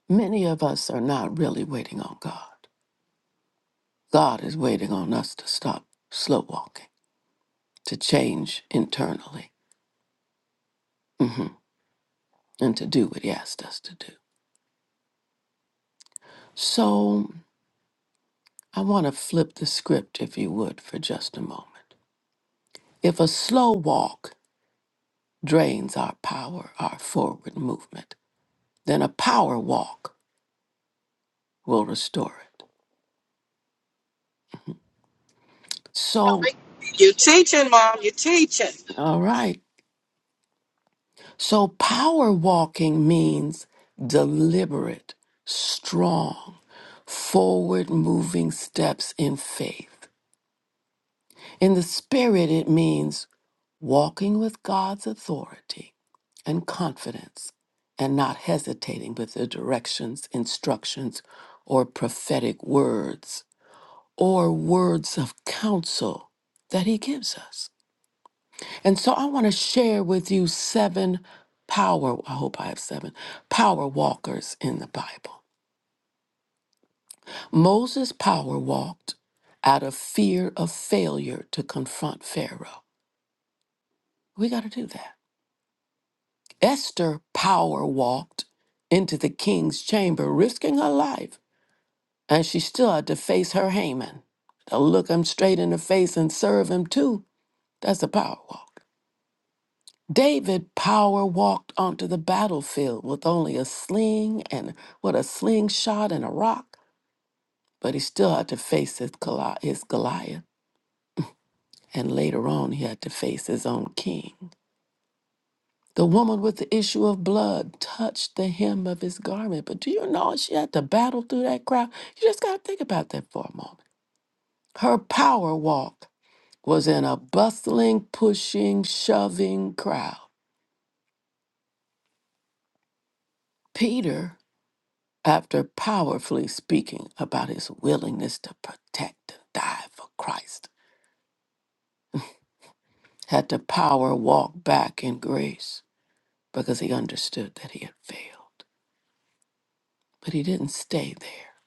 [SPEAKER 1] many of us are not really waiting on God. God is waiting on us to stop slow walking, to change internally, hmm and to do what He asked us to do. So I want to flip the script, if you would, for just a moment. If a slow walk drains our power, our forward movement, then a power walk will restore it. So,
[SPEAKER 3] You teaching, Mom. You teaching.
[SPEAKER 1] all right. So, power walking means deliberate, strong, forward moving steps in faith. In the spirit, it means walking with God's authority and confidence and not hesitating with the directions, instructions, or prophetic words or words of counsel that He gives us. And so I want to share with you seven power, I hope I have seven, power walkers in the Bible. Moses power walked out of fear of failure to confront Pharaoh. We got to do that. Esther power walked into the king's chamber, risking her life, and she still had to face her Haman, to look him straight in the face and serve him too. That's a power David Power walked onto the battlefield with only a sling and what a slingshot and a rock, but he still had to face his, Goli- his Goliath. And later on, he had to face his own king. The woman with the issue of blood touched the hem of his garment, but do you know she had to battle through that crowd? You just got to think about that for a moment. Her power walk was in a bustling, pushing, shoving crowd. Peter after powerfully speaking about his willingness to protect and die for Christ, had the power walk back in grace because he understood that he had failed. But he didn't stay there,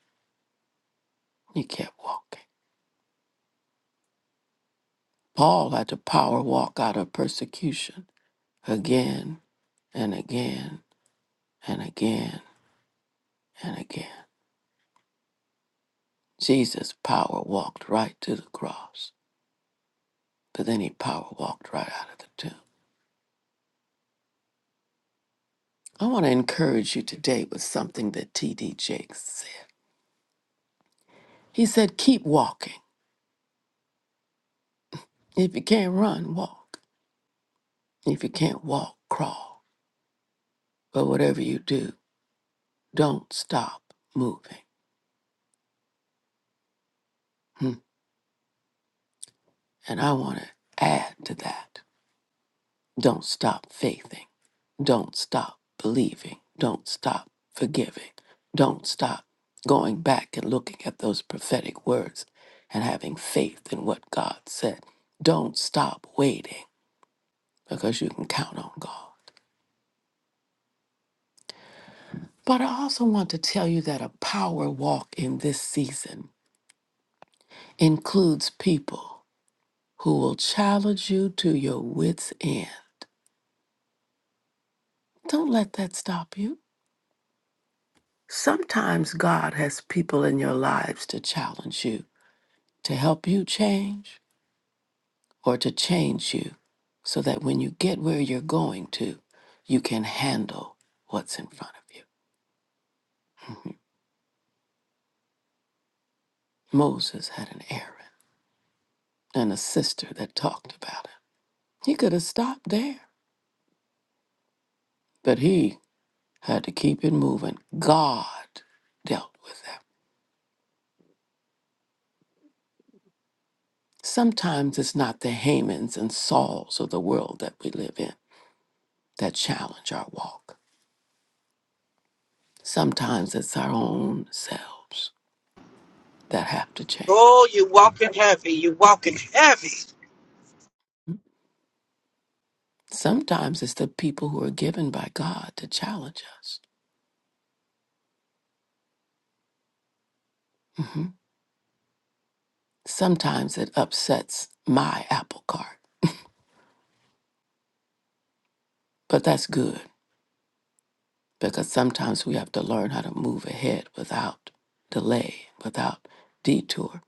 [SPEAKER 1] he kept walking. Paul had the power walk out of persecution again and again and again and again. Jesus' power walked right to the cross, but then he power walked right out of the tomb. I want to encourage you today with something that T.D. Jakes said. He said, Keep walking. If you can't run, walk. If you can't walk, crawl. But whatever you do, don't stop moving. Hmm. And I want to add to that don't stop faithing. Don't stop believing. Don't stop forgiving. Don't stop going back and looking at those prophetic words and having faith in what God said. Don't stop waiting. because you can count on God. But I also want to tell you that a power walk in this season includes people who will challenge you to your wits' end. Don't let that stop you. Sometimes God has people in your lives to challenge you, to help you change, or to change you so that when you get where you're going to, you can handle what's in front of you. Moses had an Aaron and a sister that talked about him. He could have stopped there, but he had to keep it moving. God dealt with that. Sometimes it's not the Hamans and Sauls of the world that we live in that challenge our walk. Sometimes it's our own selves that have to
[SPEAKER 3] Oh,
[SPEAKER 1] change.
[SPEAKER 3] you walking heavy. You walking heavy.
[SPEAKER 1] Sometimes it's the people who are given by God to challenge us. Mhm. Sometimes it upsets my apple cart, but that's good because sometimes we have to learn how to move ahead without delay, without detour,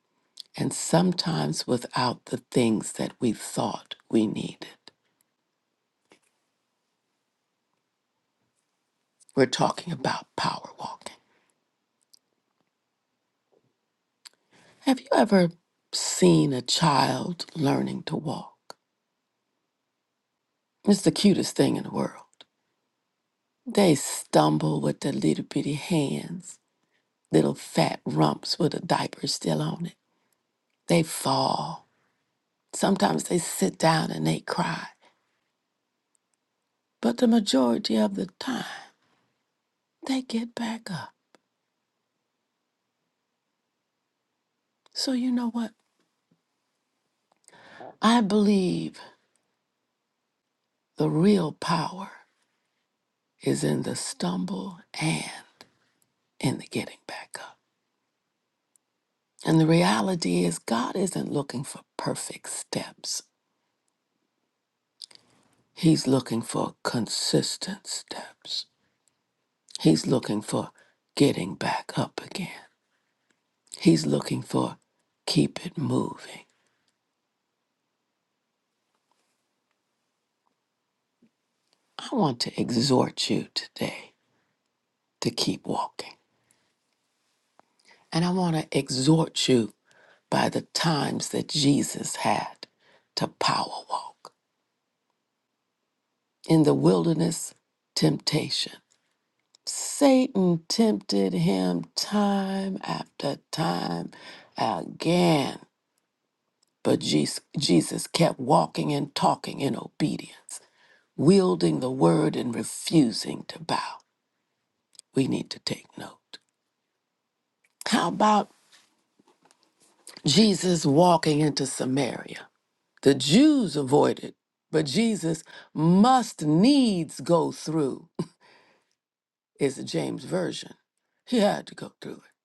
[SPEAKER 1] and sometimes without the things that we thought we needed. We're talking about power walking. Have you ever seen a child learning to walk? It's the cutest thing in the world. They stumble with their little bitty hands, little fat rumps with a diaper still on it. They fall. Sometimes they sit down and they cry. But the majority of the time, they get back up. So, you know what? I believe the real power is in the stumble and in the getting back up. And the reality is, God isn't looking for perfect steps, He's looking for consistent steps. He's looking for getting back up again. He's looking for keep it moving. I want to exhort you today to keep walking And I want to exhort you by the times that Jesus had to power walk. In the wilderness, temptation. Satan tempted him time after time again, but Jes- Jesus kept walking and talking in obedience, wielding the word and refusing to bow. We need to take note. How about Jesus walking into Samaria? The Jews avoided, but Jesus must needs go through, is the James Version. He had to go through it.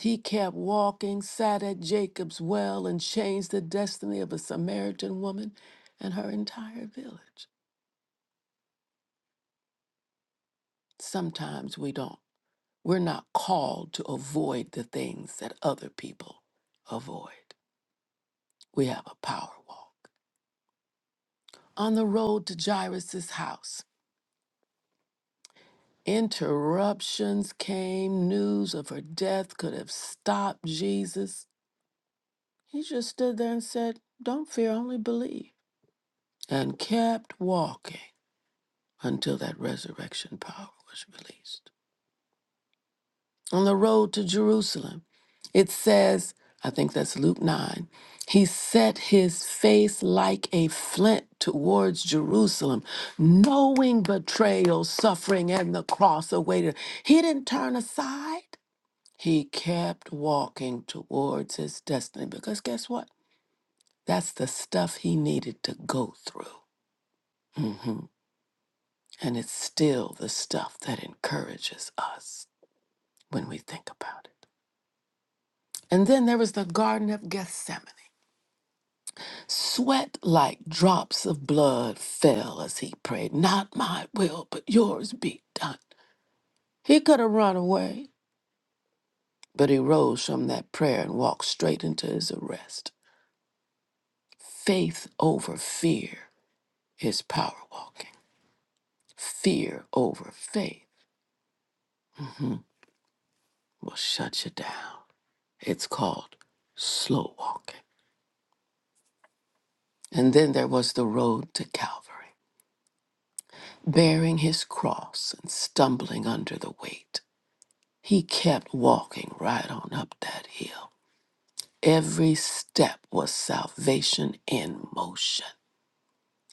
[SPEAKER 1] He kept walking, sat at Jacob's well, and changed the destiny of a Samaritan woman and her entire village. Sometimes we don't. We're not called to avoid the things that other people avoid. We have a power walk. On the road to Jairus' house, Interruptions came, news of her death could have stopped Jesus. He just stood there and said, Don't fear, only believe, and kept walking until that resurrection power was released. On the road to Jerusalem, it says, I think that's Luke 9, he set his face like a flint towards Jerusalem, knowing betrayal, suffering, and the cross awaited. He didn't turn aside. He kept walking towards his destiny because guess what? That's the stuff he needed to go through. hmm And it's still the stuff that encourages us when we think about it. And then there was the Garden of Gethsemane. Sweat like drops of blood fell as he prayed, Not my will, but yours be done. He could have run away, but he rose from that prayer and walked straight into his arrest. Faith over fear His power walking. Fear over faith will shut you down. It's called slow walking. And then there was the road to Calvary, bearing his cross and stumbling under the weight. He kept walking right on up that hill. Every step was salvation in motion.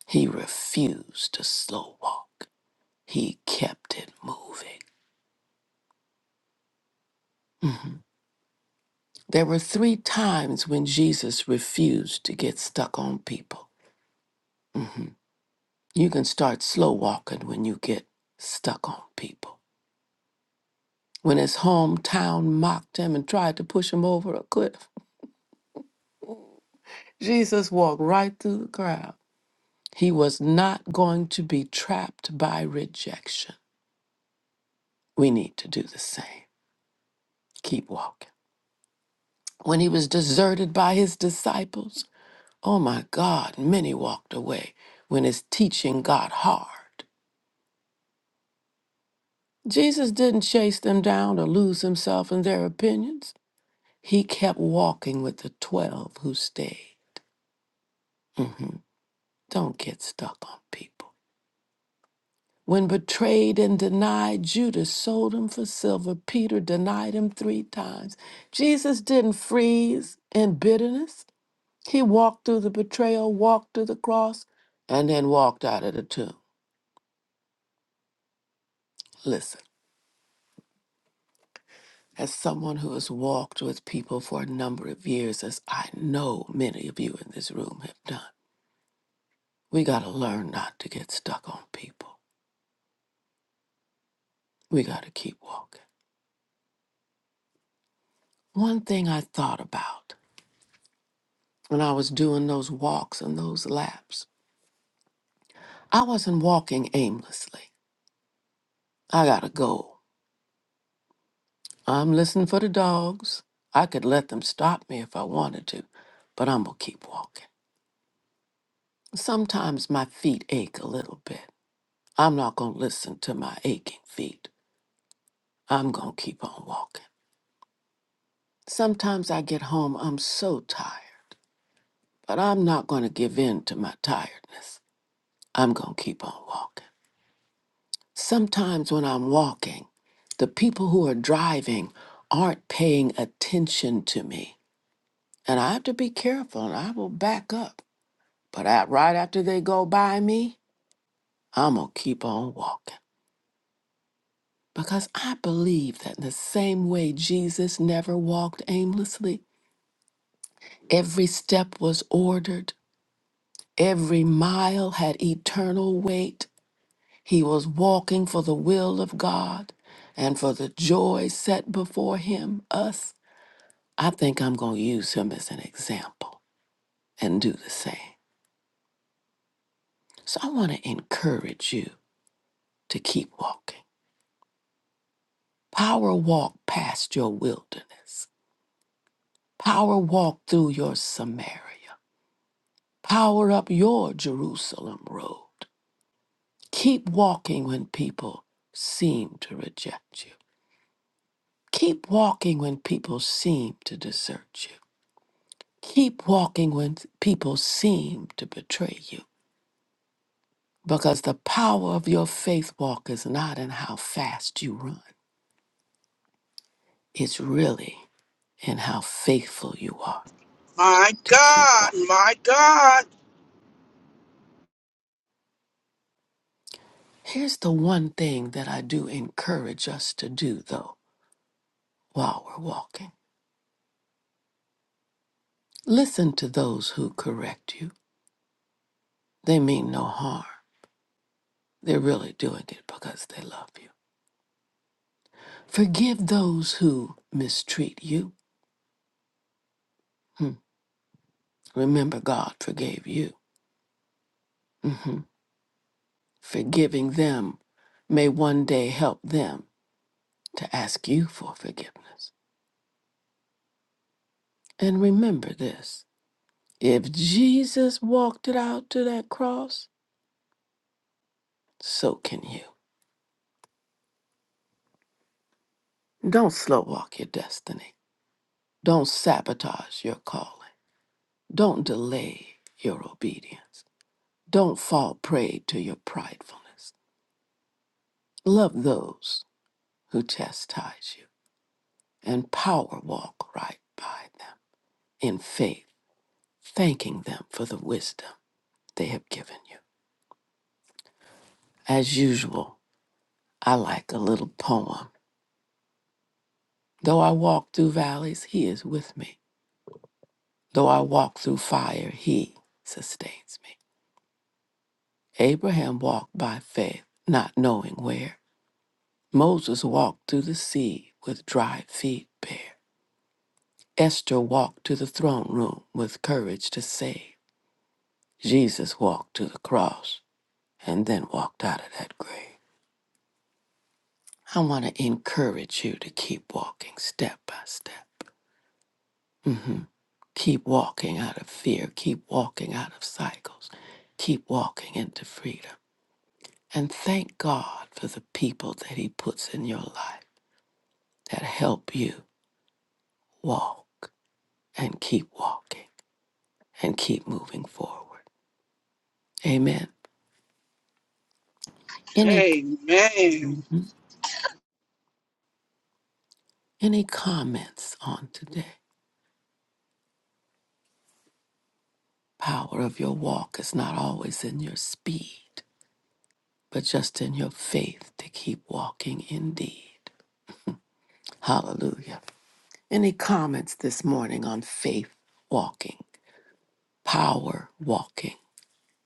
[SPEAKER 1] He refused to slow walk. He kept it moving. There were three times when Jesus refused to get stuck on people. You can start slow walking when you get stuck on people. When his hometown mocked him and tried to push him over a cliff, Jesus walked right through the crowd. He was not going to be trapped by rejection. We need to do the same. Keep walking. When he was deserted by his disciples, oh my God, many walked away when his teaching got hard. Jesus didn't chase them down or lose himself in their opinions. He kept walking with the 12 who stayed. Mhm. Don't get stuck on people. When betrayed and denied, Judas sold him for silver. Peter denied him three times. Jesus didn't freeze in bitterness. He walked through the betrayal, walked to the cross, and then walked out of the tomb. Listen, as someone who has walked with people for a number of years, as I know many of you in this room have done, we got to learn not to get stuck on people. We got to keep walking. One thing I thought about when I was doing those walks and those laps, I wasn't walking aimlessly. I got a goal. I'm listening for the dogs. I could let them stop me if I wanted to, but I'm going to keep walking. Sometimes my feet ache a little bit. I'm not going to listen to my aching feet. I'm going to keep on walking. Sometimes I get home, I'm so tired, but I'm not going to give in to my tiredness. I'm going to keep on walking. Sometimes when I'm walking, the people who are driving aren't paying attention to me. And I have to be careful and I will back up. But at, right after they go by me, I'm going to keep on walking. Because I believe that in the same way Jesus never walked aimlessly, every step was ordered, every mile had eternal weight. He was walking for the will of God and for the joy set before him, us. I think I'm going to use him as an example and do the same. So I want to encourage you to keep walking. Power walk past your wilderness, power walk through your Samaria, power up your Jerusalem road. Keep walking when people seem to reject you. Keep walking when people seem to desert you. Keep walking when people seem to betray you. Because the power of your faith walk is not in how fast you run, it's really in how faithful you are
[SPEAKER 3] My
[SPEAKER 1] to keep
[SPEAKER 3] God.
[SPEAKER 1] walking.
[SPEAKER 3] My God.
[SPEAKER 1] Here's the one thing that I do encourage us to do, though, while we're walking listen to those who correct you. They mean no harm, they're really doing it because they love you. Forgive those who mistreat you. Hmm. Remember, God forgave you. hmm Forgiving them may one day help them to ask you for forgiveness. And remember this if Jesus walked it out to that cross, so can you. Don't slow walk your destiny. Don't sabotage your calling. Don't delay your obedience. Don't fall prey to your pridefulness. Love those who chastise you and power walk right by them in faith, thanking them for the wisdom they have given you. As usual, I like a little poem Though I walk through valleys, he is with me. Though I walk through fire, he sustains me. Abraham walked by faith, not knowing where. Moses walked through the sea with dry feet bare. Esther walked to the throne room with courage to save. Jesus walked to the cross and then walked out of that grave. I want to encourage you to keep walking step by step. Keep walking out of fear. Keep walking out of cycles. Keep walking into freedom. And thank God for the people that He puts in your life that help you walk and keep walking and keep moving forward. Amen. Any
[SPEAKER 3] Amen.
[SPEAKER 1] any comments on today? Power of your walk is not always in your speed, but just in your faith to keep walking indeed. Hallelujah. Any comments this morning on faith walking, power walking,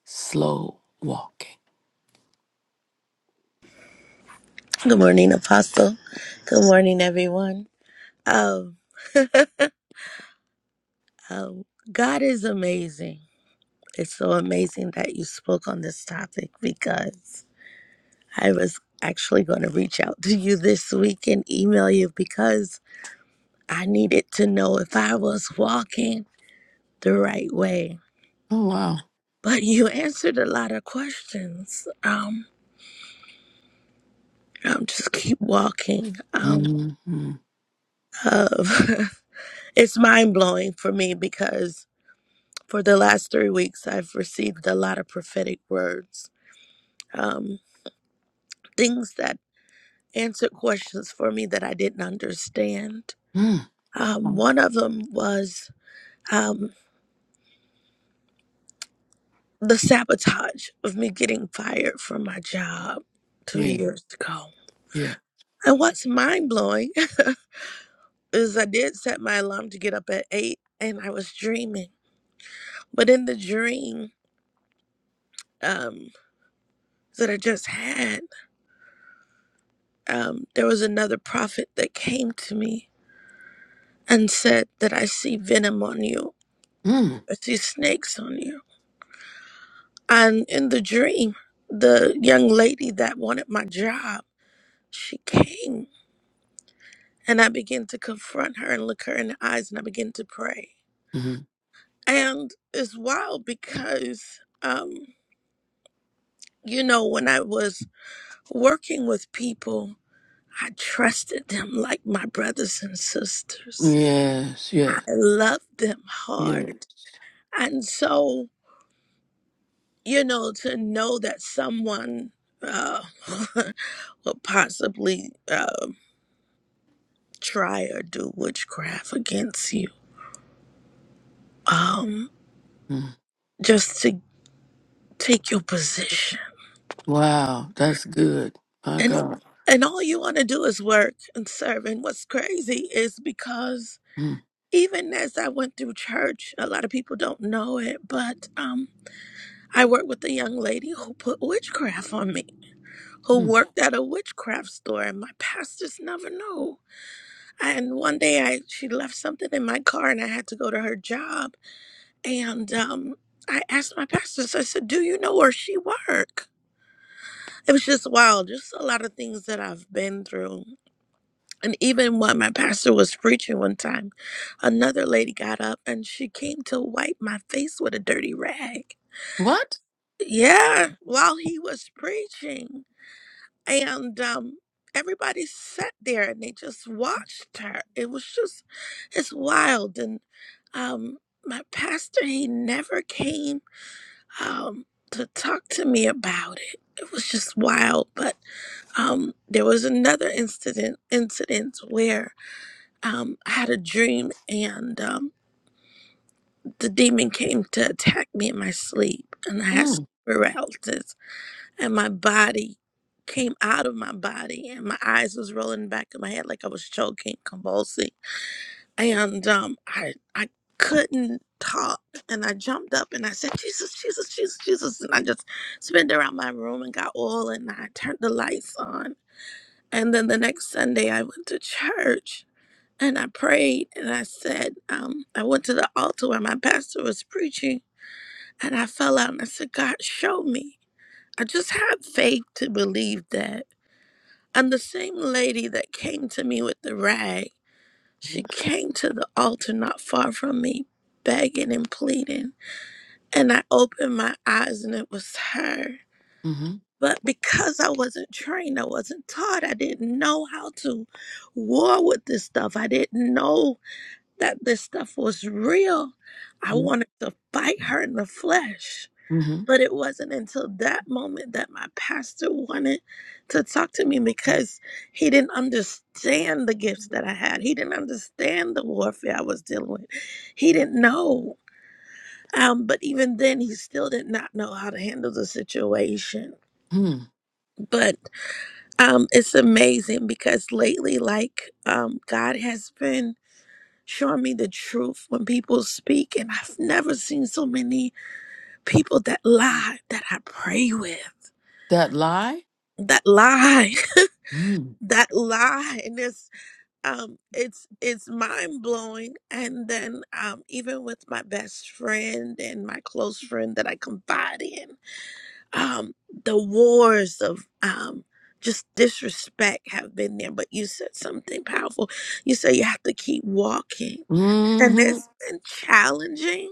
[SPEAKER 1] slow walking?
[SPEAKER 4] Good morning, Apostle. Good morning, everyone. Um, um, God is amazing. It's so amazing that you spoke on this topic because I was actually going to reach out to you this week and email you because I needed to know if I was walking the right way.
[SPEAKER 1] Oh, wow.
[SPEAKER 4] But you answered a lot of questions. Um, um, just keep walking. Um,
[SPEAKER 1] Mm-hmm.
[SPEAKER 4] uh, it's mind blowing for me because For the last three weeks, I've received a lot of prophetic words, um, things that answered questions for me that I didn't understand.
[SPEAKER 1] Mm.
[SPEAKER 4] Um, one of them was um, the sabotage of me getting fired from my job two
[SPEAKER 1] Yeah,
[SPEAKER 4] years ago.
[SPEAKER 1] yeah.
[SPEAKER 4] And what's mind blowing is I did set my alarm to get up at eight and I was dreaming. But in the dream um, that I just had, um, there was another prophet that came to me and said that I see venom on you.
[SPEAKER 1] Mm-hmm.
[SPEAKER 4] I see snakes on you. And in the dream, the young lady that wanted my job, she came and I began to confront her and look her in the eyes and I began to pray. And it's wild because, um, you know, when I was working with people, I trusted them like my brothers and sisters.
[SPEAKER 1] Yes, yeah,
[SPEAKER 4] I loved them
[SPEAKER 1] yes.
[SPEAKER 4] hard. And so you know, to know that someone uh, would possibly uh, try or do witchcraft against you, um,
[SPEAKER 1] Mm.
[SPEAKER 4] just to take your position,
[SPEAKER 1] Wow, that's good. My
[SPEAKER 4] and
[SPEAKER 1] God.
[SPEAKER 4] and all you want to do is work and serve. And what's crazy is because
[SPEAKER 1] Mm.
[SPEAKER 4] even as I went through church, a lot of people don't know it, but um, I worked with a young lady who put witchcraft on me, who
[SPEAKER 1] Mm.
[SPEAKER 4] worked at a witchcraft store, and my pastors never knew And one day I she left something in my car and I had to go to her job. And um I asked my pastors, I said, Do you know where she work? It was just wild, just a lot of things that I've been through. And even when my pastor was preaching one time, another lady got up and she came to wipe my face with a dirty rag.
[SPEAKER 1] What?
[SPEAKER 4] Yeah, while he was preaching. and um, everybody sat there and they just watched her. It was just, it's wild. And um, my pastor, he never came um, to talk to me about it. It was just wild. But um, there was another incident, incident where um, I had a dream and um, the demon came to attack me in my sleep, and I had. sleep
[SPEAKER 1] Mm.
[SPEAKER 4] paralysis and my body came out of my body and my eyes was rolling back in my head like I was choking, convulsing. And um I I couldn't talk. And I jumped up and I said, Jesus, Jesus, Jesus, Jesus. And I just spent around my room and got oil and I turned the lights on. And then the next Sunday I went to church and I prayed and I said, um, I went to the altar where my pastor was preaching and I fell out and I said, God, show me. I just had faith to believe that and the same lady that came to me with the rag,
[SPEAKER 1] Mm-hmm.
[SPEAKER 4] she came to the altar not far from me, begging and pleading. And I opened my eyes and it was her.
[SPEAKER 1] Mm-hmm.
[SPEAKER 4] But because I wasn't trained, I wasn't taught, I didn't know how to war with this stuff. I didn't know that this stuff was real. I
[SPEAKER 1] Mm-hmm.
[SPEAKER 4] wanted to fight her in the flesh.
[SPEAKER 1] Mm-hmm.
[SPEAKER 4] But it wasn't until that moment that my pastor wanted to talk to me because he didn't understand the gifts that I had. He didn't understand the warfare I was dealing with. He didn't know. Um, but even then, he still did not know how to handle the situation.
[SPEAKER 1] Hmm.
[SPEAKER 4] But um, it's amazing because lately, like, um, God has been showing me the truth when people speak. And I've never seen so many people that lie that I pray with.
[SPEAKER 1] That lie?
[SPEAKER 4] that lie
[SPEAKER 1] Mm.
[SPEAKER 4] that lie and it's um it's it's mind blowing and then um even with my best friend and my close friend that I confide in um the wars of um just disrespect have been there but you said something powerful you said you have to keep walking and
[SPEAKER 1] hmm
[SPEAKER 4] it's been challenging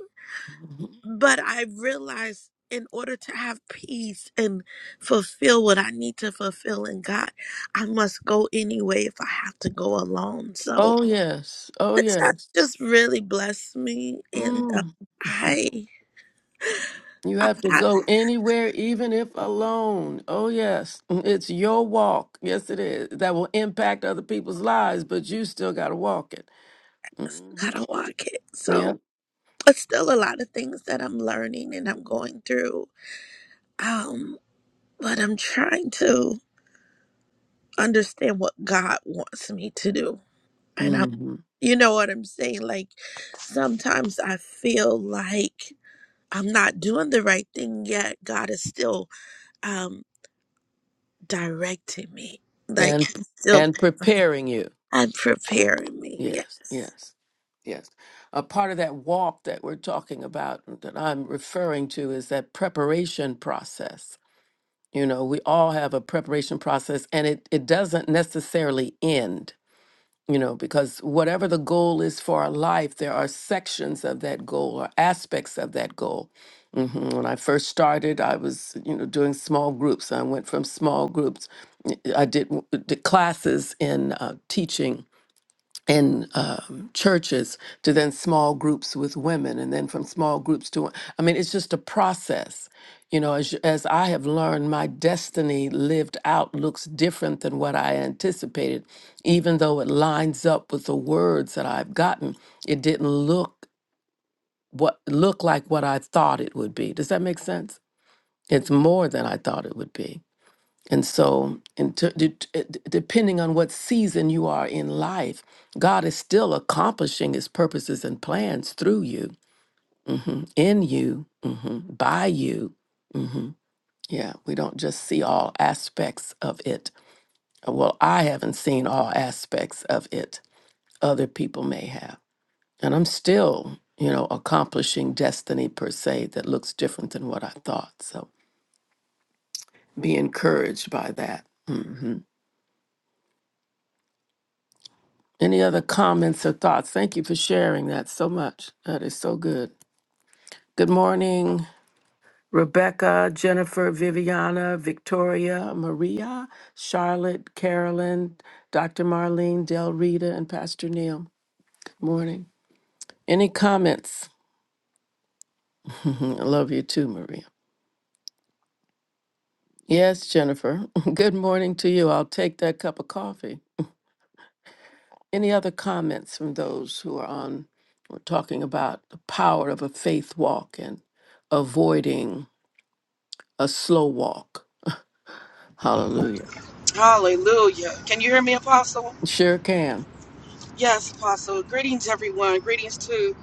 [SPEAKER 4] but I realized in order to have peace and fulfill what I need to fulfill in God, I must go anyway if I have to go alone. So
[SPEAKER 1] Oh, yes. Oh,
[SPEAKER 4] this has
[SPEAKER 1] yes.
[SPEAKER 4] just really blessed me, and uh,
[SPEAKER 1] Mm.
[SPEAKER 4] I
[SPEAKER 1] You
[SPEAKER 4] I
[SPEAKER 1] have to
[SPEAKER 4] gotta,
[SPEAKER 1] go anywhere, even if alone. Oh, yes. Mm, It's your walk. Yes, it is. That will impact other people's lives, but you still got to walk it. hmm
[SPEAKER 4] gotta walk it. So
[SPEAKER 1] Yeah.
[SPEAKER 4] it's still a lot of things that I'm learning and I'm going through. Um, but I'm trying to understand what God wants me to do, and I'm,
[SPEAKER 1] hmm
[SPEAKER 4] you know what I'm saying, like sometimes I feel like I'm not doing the right thing yet. God is still um, directing me. Like
[SPEAKER 1] And,
[SPEAKER 4] he's still
[SPEAKER 1] and preparing you.
[SPEAKER 4] I'm preparing me. Yeah.
[SPEAKER 1] Yes, yes, yes. A part of that walk that we're talking about, that I'm referring to, is that preparation process You know, we all have a preparation process and it, it doesn't necessarily end, you know, because whatever the goal is for our life, there are sections of that goal or aspects of that goal. hmm When I first started, I was, you know, doing small groups. I went from small groups. I did, w- did classes in uh, teaching in um, churches to then small groups with women and then from small groups to i mean it's just a process you know as, as i have learned my destiny lived out looks different than what i anticipated even though it lines up with the words that i've gotten it didn't look what look like what i thought it would be does that make sense it's more than i thought it would be and so, in t- de- t- eh, d- depending on what season you are in life, God is still accomplishing his purposes and plans through you, mhm, in you, hmm by you. hmm Yeah, we don't just see all aspects of it. Uh, Well, I haven't seen all aspects of it, other people may have. And I'm still, you know, accomplishing destiny per se that looks different than what I thought. So be encouraged by that. Mm-hmm. Any other comments or thoughts? Thank you for sharing that so much. That is so good. Good morning, Rebecca, Jennifer, Viviana, Victoria, Maria, Charlotte, Carolyn, Dr. Marlene, Del Rita, and Pastor Neil. Morning. Any comments? Mhm, I love you too, Maria. Yes, Jennifer. Good morning to you. I'll take that cup of coffee. Any other comments from those who are on? We're talking about the power of a faith walk and avoiding a slow walk. Hallelujah.
[SPEAKER 3] Hallelujah. Can you hear me, Apostle?
[SPEAKER 1] Sure can.
[SPEAKER 3] Yes, Apostle. Greetings, everyone. Greetings to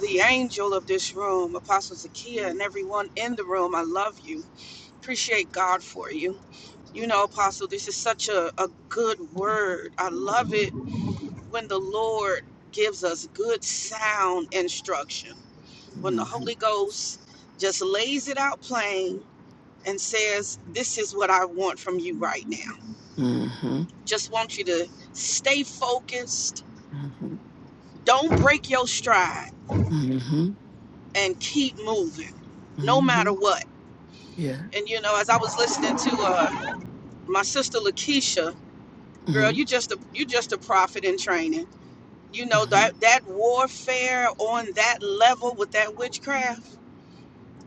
[SPEAKER 3] the angel of this room, Apostle Zakia, and everyone in the room. I love you. Appreciate God for you. You know, Apostle, this is such a, a good word. I love it when the Lord gives us good sound instruction, when the
[SPEAKER 1] Mm-hmm.
[SPEAKER 3] Holy Ghost just lays it out plain and says, This is what I want from you right now.
[SPEAKER 1] Mm-hmm.
[SPEAKER 3] Just want you to stay focused
[SPEAKER 1] Mm-hmm.
[SPEAKER 3] don't break your stride
[SPEAKER 1] Mm-hmm.
[SPEAKER 3] and keep moving no
[SPEAKER 1] Mm-hmm.
[SPEAKER 3] matter what
[SPEAKER 1] Yeah.
[SPEAKER 3] and you know as i was listening to uh my sister lakeisha girl
[SPEAKER 1] Mm-hmm.
[SPEAKER 3] you just a you just a prophet in training you know
[SPEAKER 1] Mm-hmm.
[SPEAKER 3] that that warfare on that level with that witchcraft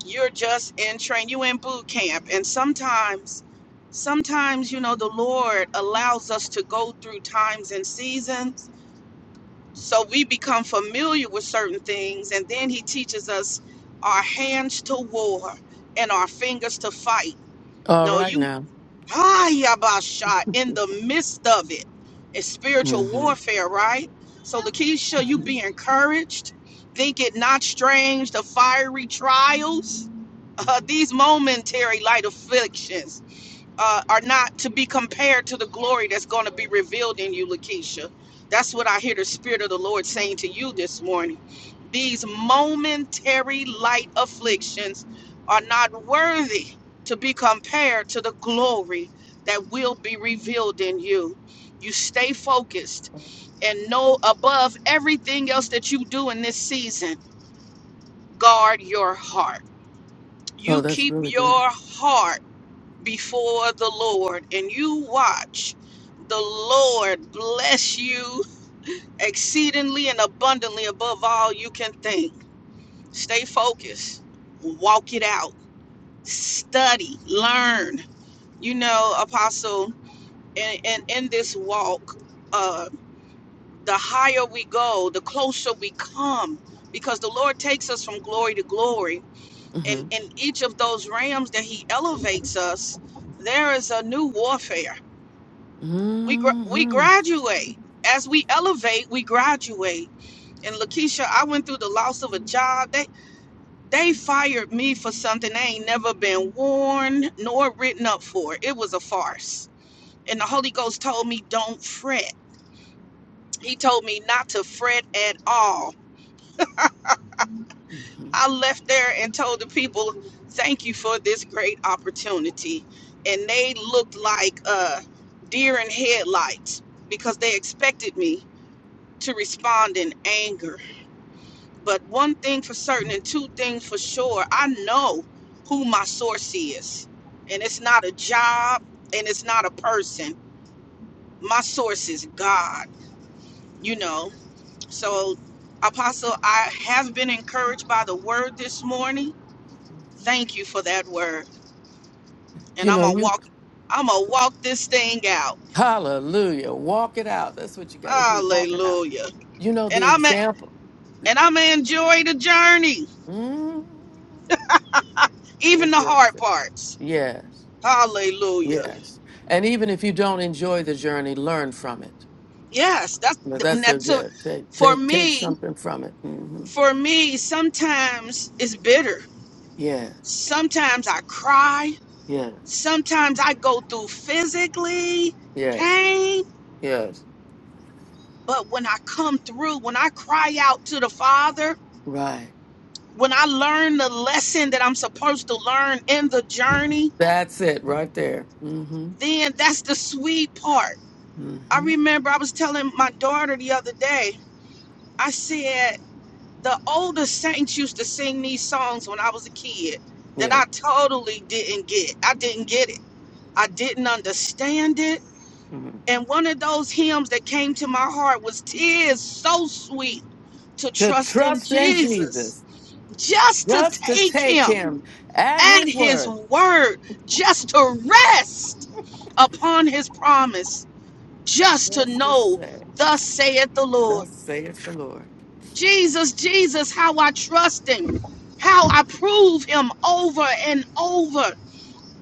[SPEAKER 3] you're just in train you in boot camp and sometimes sometimes you know the lord allows us to go through times and seasons So we become familiar with certain things, and then he teaches us our hands to war and our fingers to fight.
[SPEAKER 1] All
[SPEAKER 3] No,
[SPEAKER 1] right
[SPEAKER 3] you
[SPEAKER 1] now.
[SPEAKER 3] ah, yabasha, in the midst of it. It's spiritual
[SPEAKER 1] Mm-hmm.
[SPEAKER 3] warfare, right? So Lakeisha, you
[SPEAKER 1] Mm-hmm.
[SPEAKER 3] be encouraged. Think it not strange the fiery trials, uh,
[SPEAKER 1] Mm-hmm.
[SPEAKER 3] these momentary light afflictions uh, are not to be compared to the glory that's going to be revealed in you, Lakeisha. That's what I hear the Spirit of the Lord saying to you this morning. These momentary light afflictions are not worthy to be compared to the glory that will be revealed in you. You stay focused and know above everything else that you do in this season, guard your heart.
[SPEAKER 1] Oh,
[SPEAKER 3] You
[SPEAKER 1] that's
[SPEAKER 3] keep
[SPEAKER 1] really good.
[SPEAKER 3] your heart before the Lord and you watch the Lord bless you exceedingly and abundantly above all you can think. Stay focused, walk it out, study, learn. You know, Apostle, and, and in this walk, uh, the higher we go, the closer we come, because the Lord takes us from glory to glory. And
[SPEAKER 1] Mm-hmm.
[SPEAKER 3] in each of those realms that He elevates us, there is a new warfare we gra- we
[SPEAKER 1] Mm-hmm.
[SPEAKER 3] graduate as we elevate we graduate and
[SPEAKER 1] Mm-hmm.
[SPEAKER 3] lakeisha i went through the loss of a job they they fired me for something i ain't never been warned nor written up for it was a farce and the holy ghost told me don't fret he told me not to fret at all
[SPEAKER 1] Mm-hmm.
[SPEAKER 3] i left there and told the people thank you for this great opportunity and they looked like uh deer in headlights because they expected me to respond in anger But one thing for certain and two things for sure, I know who my source is. And it's not a job and it's not a person. My source is God, you know. So, Apostle, I have been encouraged by the word this morning. Thank you for that word. And I'm going to walk I'm going to walk this thing out.
[SPEAKER 1] Hallelujah. Walk it out. That's what you got to do.
[SPEAKER 3] Hallelujah.
[SPEAKER 1] You know.
[SPEAKER 3] And I'm a, and I'm going to enjoy the journey,
[SPEAKER 1] mm Enjoy
[SPEAKER 3] even the
[SPEAKER 1] the
[SPEAKER 3] hard
[SPEAKER 1] journey.
[SPEAKER 3] parts.
[SPEAKER 1] Yes.
[SPEAKER 3] Hallelujah.
[SPEAKER 1] Yes. And even if you don't enjoy the journey, learn from it.
[SPEAKER 3] Yes, that's
[SPEAKER 1] No, that's a
[SPEAKER 3] that's a,
[SPEAKER 1] yeah. Take
[SPEAKER 3] for
[SPEAKER 1] take take
[SPEAKER 3] me.
[SPEAKER 1] something from it. hmm
[SPEAKER 3] For me, sometimes it's bitter.
[SPEAKER 1] Yeah,
[SPEAKER 3] Sometimes I cry.
[SPEAKER 1] yeah,
[SPEAKER 3] Sometimes I go through physically
[SPEAKER 1] yes,
[SPEAKER 3] pain.
[SPEAKER 1] yes.
[SPEAKER 3] But when I come through, when I cry out to the Father,
[SPEAKER 1] Right.
[SPEAKER 3] when I learn the lesson that I'm supposed to learn in the journey,
[SPEAKER 1] That's it right there. Mm-hmm.
[SPEAKER 3] then that's the sweet part. I
[SPEAKER 1] Mm-hmm.
[SPEAKER 3] remember I was telling my daughter the other day. I said. the older saints used to sing these songs when I was a kid that
[SPEAKER 1] Yeah.
[SPEAKER 3] I totally didn't get. I didn't get it. I didn't understand it.
[SPEAKER 1] hmm
[SPEAKER 3] And one of those hymns that came to my heart was "Tis so sweet to
[SPEAKER 1] To
[SPEAKER 3] trust in
[SPEAKER 1] trust in
[SPEAKER 3] Jesus,
[SPEAKER 1] Jesus,
[SPEAKER 3] just to
[SPEAKER 1] just to
[SPEAKER 3] take
[SPEAKER 1] take
[SPEAKER 3] him
[SPEAKER 1] Him at
[SPEAKER 3] at
[SPEAKER 1] His
[SPEAKER 3] his
[SPEAKER 1] word,
[SPEAKER 3] word, just to rest upon his promise, just to
[SPEAKER 1] just to
[SPEAKER 3] know,
[SPEAKER 1] say,
[SPEAKER 3] thus saith the Lord."
[SPEAKER 1] thus saith the Lord.
[SPEAKER 3] Jesus, Jesus, how I trust him, how I prove him over and over.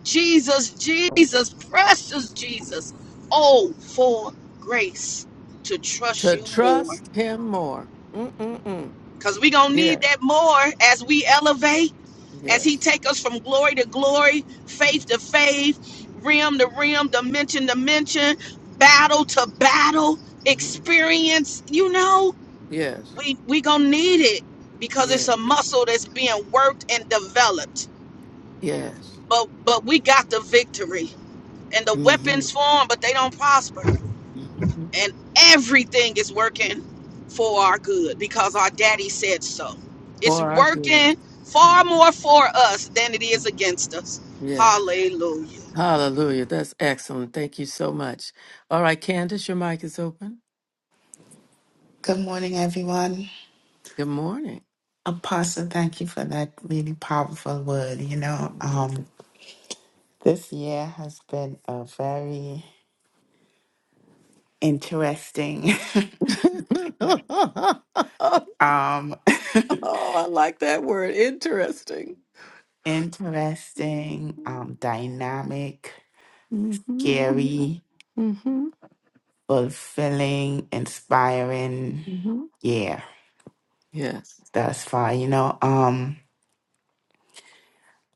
[SPEAKER 3] Jesus, Jesus, precious Jesus. Oh, for grace to trust
[SPEAKER 1] To
[SPEAKER 3] you more.
[SPEAKER 1] trust Him more. Mm-mm-mm.
[SPEAKER 3] Because we going to need
[SPEAKER 1] Yeah.
[SPEAKER 3] that more as we elevate, as he
[SPEAKER 1] Yes.
[SPEAKER 3] take us from glory to glory, faith to
[SPEAKER 1] Mm-hmm.
[SPEAKER 3] faith, rim to rim, dimension to dimension, battle to battle,
[SPEAKER 1] hmm
[SPEAKER 3] experience, you know.
[SPEAKER 1] Yes.
[SPEAKER 3] we we gonna need it because it's
[SPEAKER 1] Yes.
[SPEAKER 3] a muscle that's being worked and developed.
[SPEAKER 1] Yes.
[SPEAKER 3] But but we got the victory and the
[SPEAKER 1] Mm-hmm.
[SPEAKER 3] weapons form, but they don't prosper.
[SPEAKER 1] mm hmm
[SPEAKER 3] And everything is working for our good because our daddy said so. It's
[SPEAKER 1] For our good.
[SPEAKER 3] working far
[SPEAKER 1] Mhm,
[SPEAKER 3] more for us than it is
[SPEAKER 1] mhm.
[SPEAKER 3] against us.
[SPEAKER 1] Yes.
[SPEAKER 3] Hallelujah.
[SPEAKER 1] Hallelujah. That's excellent. Thank you so much. All right, Candace, your mic is open.
[SPEAKER 5] Good morning, everyone.
[SPEAKER 1] Good morning.
[SPEAKER 5] Apostle, thank you for that really powerful word. You know, um, this year has been a very interesting,
[SPEAKER 1] oh,
[SPEAKER 5] um,
[SPEAKER 1] I like that word. Interesting.
[SPEAKER 5] interesting, um, dynamic,
[SPEAKER 1] Mm-hmm.
[SPEAKER 5] scary,
[SPEAKER 1] Mm-hmm.
[SPEAKER 5] fulfilling, inspiring
[SPEAKER 1] Mm-hmm.
[SPEAKER 5] year
[SPEAKER 1] Yes.
[SPEAKER 5] thus far. You know, um,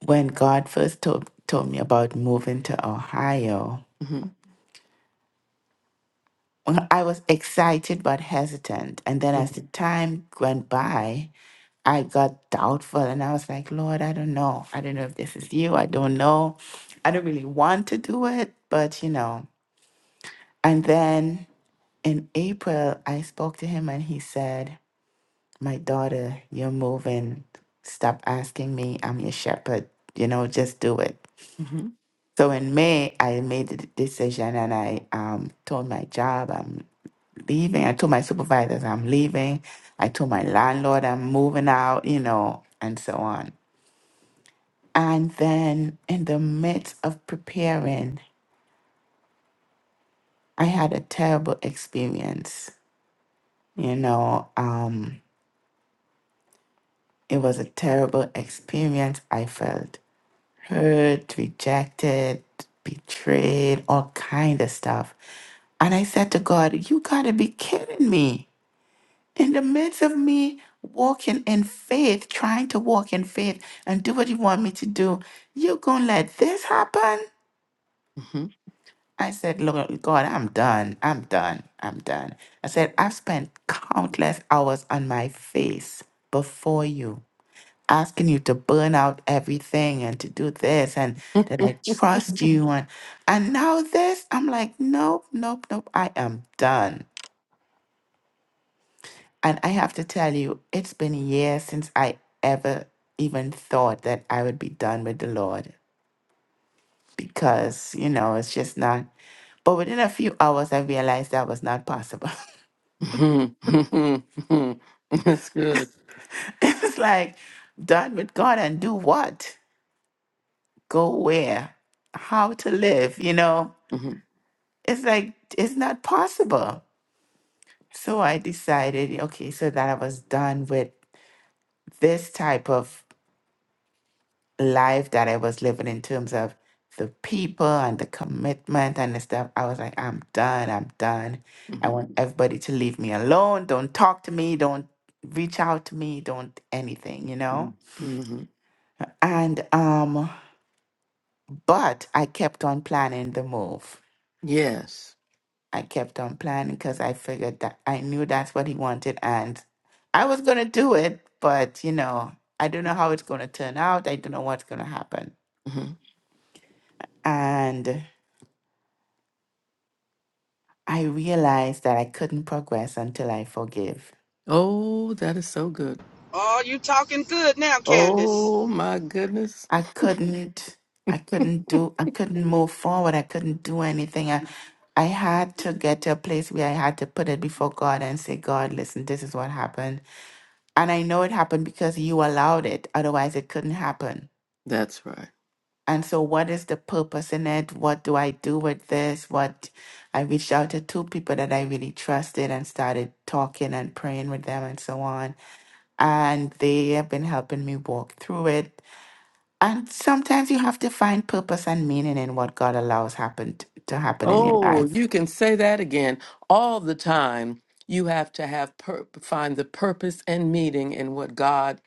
[SPEAKER 5] when God first told told me about moving to Ohio,
[SPEAKER 1] Mm-hmm.
[SPEAKER 5] Well, I was excited but hesitant. And then as the time went by, I got doubtful and I was like, Lord, I don't know. I don't know if this is you. I don't know. I don't really want to do it, but you know. And then in April, I spoke to him and he said, My daughter, you're moving. Stop asking me. I'm your shepherd. You know, just do it.
[SPEAKER 1] Mm-hmm.
[SPEAKER 5] So in May, I made the decision and I um, told my job. leaving. I told my supervisors I'm leaving. I told my landlord I'm moving out, you know, and so on. And then in the midst of preparing, I had a terrible experience. You know, um, it was a terrible experience. I felt hurt, rejected, betrayed, all kind of stuff. And I said to God, you gotta be kidding me. in the midst of me walking in faith, trying to walk in faith and do what you want me to do, you're going to let this happen?
[SPEAKER 1] Mm-hmm.
[SPEAKER 5] I said, Lord God, I'm done. I'm done. I'm done. I said, I've spent countless hours on my face before you, asking you to burn out everything and to do this and that I trust you. And, and now this, I'm like, nope, nope, nope. I am done. And I have to tell you, it's been years since I ever even thought that I would be done with the Lord because, you know, it's just not. But within a few hours, I realized that was not possible.
[SPEAKER 1] hmm That's good.
[SPEAKER 5] it's like, done with God and do what? Go where? How to live? You know,
[SPEAKER 1] Mm-hmm.
[SPEAKER 5] it's like, it's not possible. So I decided, okay, so that I was done with this type of life that I was living in terms of the people and the commitment and the stuff, I was like, I'm done, I'm done. I
[SPEAKER 1] Mm-hmm.
[SPEAKER 5] want everybody to leave me alone. Don't talk to me. Don't reach out to me. Don't anything, you know?
[SPEAKER 1] Mm-hmm.
[SPEAKER 5] And um, but I kept on planning the move.
[SPEAKER 1] Yes.
[SPEAKER 5] I kept on planning because I figured that I knew that's what he wanted and I was gonna do it, but you know, I don't know how it's gonna turn out. I don't know what's gonna happen.
[SPEAKER 1] Mm-hmm.
[SPEAKER 5] And. I realized that I couldn't progress until I forgive.
[SPEAKER 1] Oh, that is so good.
[SPEAKER 3] Oh, you talking good now, Candace.
[SPEAKER 1] Oh my goodness.
[SPEAKER 5] I couldn't I couldn't do I couldn't move forward. I couldn't do anything. I I had to get to a place where I had to put it before God and say, God, listen, this is what happened. And I know it happened because you allowed it. Otherwise it couldn't happen.
[SPEAKER 1] That's right.
[SPEAKER 5] And so what is the purpose in it? What do I do with this? What I reached out to two people that I really trusted and started talking and praying with them and so on and they have been helping me walk through it. And sometimes you have to find purpose and meaning in what God allows happen to happen in your
[SPEAKER 1] Oh,
[SPEAKER 5] life.
[SPEAKER 1] you can say that again all the time. You have to have pur- find the purpose and meaning in what God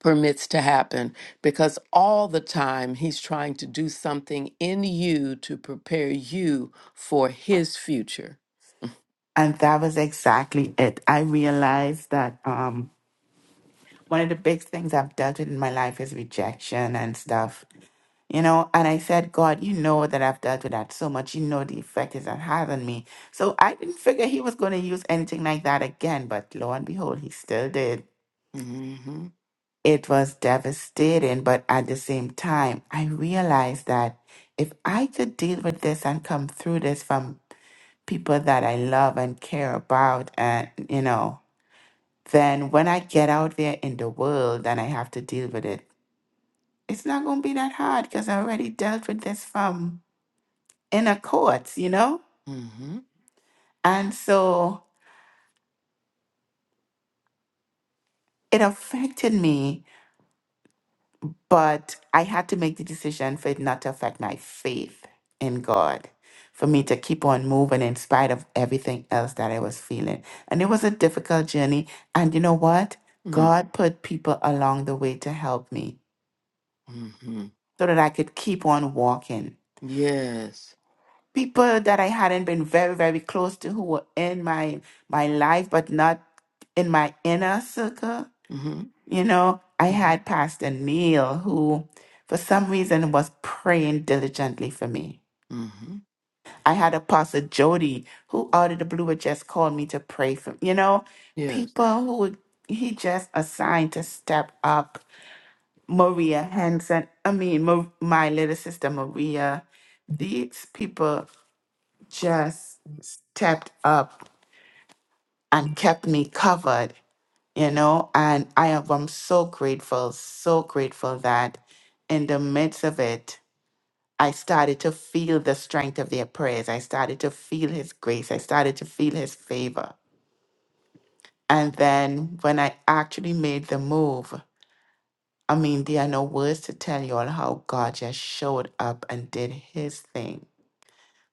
[SPEAKER 1] permits to happen because all the time he's trying to do something in you to prepare you for his future.
[SPEAKER 5] And that was exactly it. I realized that um, one of the big things I've dealt with in my life is rejection and stuff. You know, and I said, God, you know that I've dealt with that so much. You know the effect it's had on me. So I didn't figure he was going to use anything like that again. But lo and behold, he still did.
[SPEAKER 1] Mhm.
[SPEAKER 5] it was devastating, but at the same time, I realized that if I could deal with this and come through this from people that I love and care about, and you know, then when I get out there in the world and I have to deal with it, it's not going to be that hard because I already dealt with this from inner courts, you know?
[SPEAKER 1] Mhm.
[SPEAKER 5] And so it affected me But I had to make the decision for it not to affect my faith in God, for me to keep on moving in spite of everything else that I was feeling. And it was a difficult journey. And you know what?
[SPEAKER 1] Mhm.
[SPEAKER 5] God put people along the way to help me
[SPEAKER 1] Mhm.
[SPEAKER 5] so that I could keep on walking.
[SPEAKER 1] Yes.
[SPEAKER 5] People that I hadn't been very, very close to who were in my my life, but not in my inner circle
[SPEAKER 1] Mm-hmm.
[SPEAKER 5] You know, I
[SPEAKER 1] Mm-hmm.
[SPEAKER 5] had Pastor Neil who, for some reason, was praying diligently for me.
[SPEAKER 1] Mm-hmm.
[SPEAKER 5] I had Apostle Jody who, out of the blue, had just called me to pray for You know,
[SPEAKER 1] Yes.
[SPEAKER 5] people who would- he just assigned to step up. Maria Henson, I mean, Ma- my little sister Maria. These people just stepped up and kept me covered. you know and i am i'm so grateful so grateful that in the midst of it i started to feel the strength of their prayers i started to feel his grace i started to feel his favor and then when i actually made the move i mean there are no words to tell you all how god just showed up and did his thing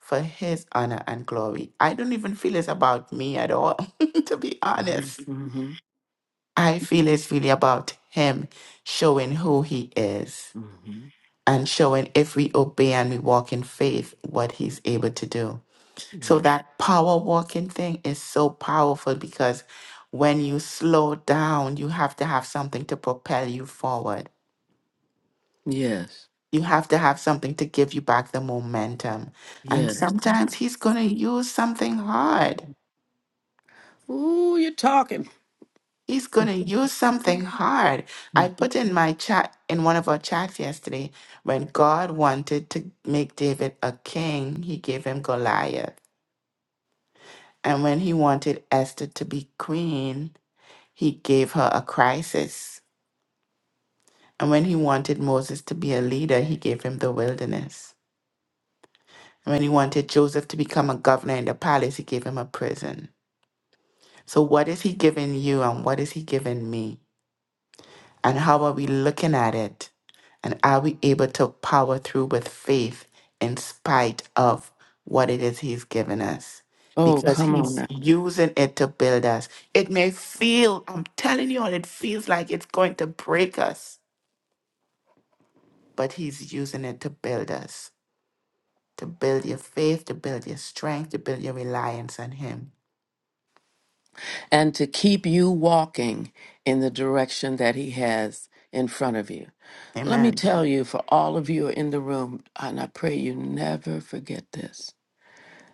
[SPEAKER 5] for his honor and glory i don't even feel it's about me at all to be
[SPEAKER 1] Mm-hmm.
[SPEAKER 5] honest
[SPEAKER 1] Mm-hmm.
[SPEAKER 5] I feel it's really about Him showing who He is
[SPEAKER 1] Mm-hmm.
[SPEAKER 5] and showing if we obey and we walk in faith what He's able to do. So
[SPEAKER 1] Yes.
[SPEAKER 5] that power walking thing is so powerful because when you slow down, you have to have something to propel you forward.
[SPEAKER 1] Yes.
[SPEAKER 5] You have to have something to give you back the momentum. And
[SPEAKER 1] Yes.
[SPEAKER 5] sometimes He's going to use something hard.
[SPEAKER 1] Ooh, you're talking.
[SPEAKER 5] He's going to use something hard. I
[SPEAKER 1] Mhm.
[SPEAKER 5] put in my chat, in one of our chats yesterday, when God wanted to make David a king, he gave him Goliath. And when he wanted Esther to be queen, he gave her a crisis. And when he wanted Moses to be a leader, he gave him the wilderness. And when he wanted Joseph to become a governor in the palace, he gave him a prison. So, what is he giving you and what is he giving me? And how are we looking at it? And are we able to power through with faith in spite of what it is He's given us?
[SPEAKER 1] Oh,
[SPEAKER 5] Because
[SPEAKER 1] come on
[SPEAKER 5] He's
[SPEAKER 1] now.
[SPEAKER 5] using it to build us. It may feel, I'm telling you all, it feels like it's going to break us, but He's using it to build us, to build your faith, to build your strength, to build your reliance on Him.
[SPEAKER 1] And to keep you walking in the direction that he has in front of you. Let me
[SPEAKER 5] Amen.
[SPEAKER 1] tell you, for all of you are in the room, and I pray you never forget this.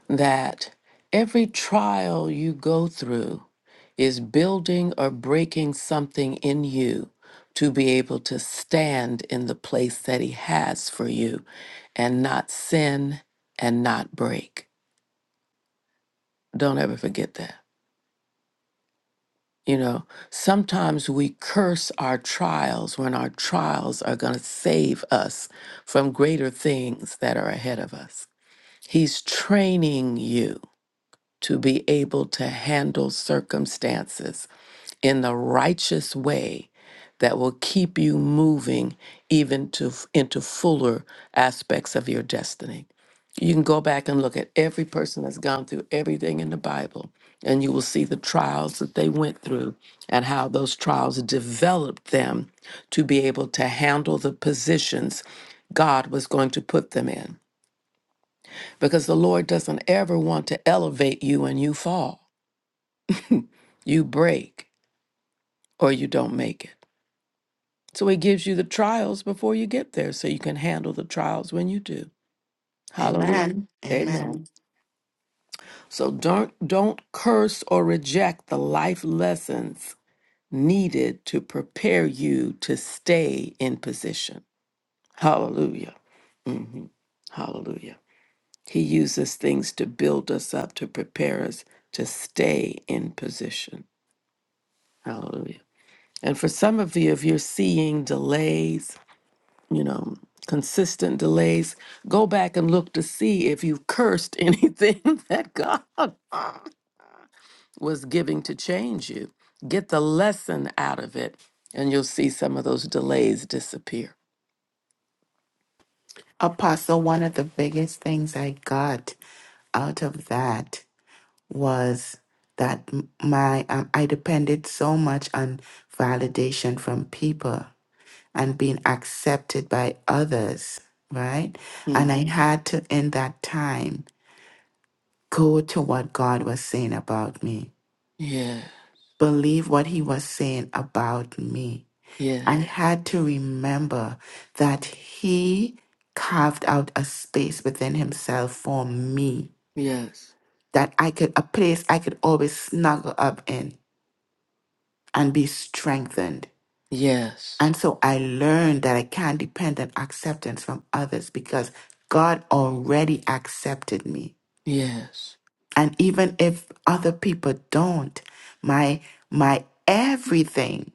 [SPEAKER 1] that every trial you go through is building or breaking something in you to be able to stand in the place that He has for you and not sin and not break. Don't ever forget that. You know, sometimes we curse our trials when our trials are going to save us from greater things that are ahead of us. He's training you. to be able to handle circumstances in the righteous way that will keep you moving even to into fuller aspects of your destiny. You can go back and look at every person that's gone through everything in the Bible and you will see the trials that they went through and how those trials developed them to be able to handle the positions God was going to put them in. Because the Lord doesn't ever want to elevate you and you fall. You break or you don't make it. So he gives you the trials before you get there so you can handle the trials when you do. Hallelujah.
[SPEAKER 5] Amen.
[SPEAKER 1] Amen.
[SPEAKER 5] Amen.
[SPEAKER 1] So don't don't curse or reject the life lessons needed to prepare you to stay in position. Hallelujah. Mhm. Hallelujah. He uses things to build us up to prepare us to stay in position. Hallelujah. And for some of you, if you're seeing delays, you know, consistent delays. Go back and look to see if you've cursed anything that God was giving to change you. Get the lesson out of it, and you'll see some of those delays disappear.
[SPEAKER 5] Apostle, one of the biggest things I got out of that was that m- my um, I depended so much on validation from people and being accepted by others, right? And
[SPEAKER 1] hmm
[SPEAKER 5] I had to in that time go to what God was saying about me,
[SPEAKER 1] Yeah,
[SPEAKER 5] believe what he was saying about me.
[SPEAKER 1] yeah,
[SPEAKER 5] I had to remember that he carved out a space within himself for me
[SPEAKER 1] yes,
[SPEAKER 5] that I could a place I could always snuggle up in and be strengthened.
[SPEAKER 1] yes,
[SPEAKER 5] And so I learned that I can't depend on acceptance from others because God already accepted me.
[SPEAKER 1] yes,
[SPEAKER 5] And even if other people don't, my my everything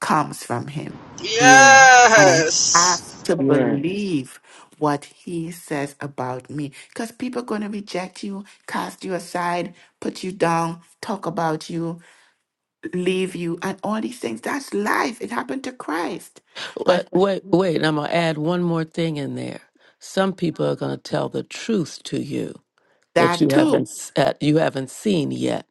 [SPEAKER 5] comes from him.
[SPEAKER 1] yes,
[SPEAKER 5] And I have
[SPEAKER 3] Yes.
[SPEAKER 5] to
[SPEAKER 1] yeah.
[SPEAKER 5] believe what he says about me. Because people are gonna reject you, cast you aside, put you down, talk about you, leave you, and all these things. That's life. It happened to Christ. But
[SPEAKER 1] Wait, wait, wait. I'm going to add one more thing in there. Some people are going to tell the truth to you that
[SPEAKER 5] That
[SPEAKER 1] you
[SPEAKER 5] too.
[SPEAKER 1] haven't s- uh, you haven't seen yet,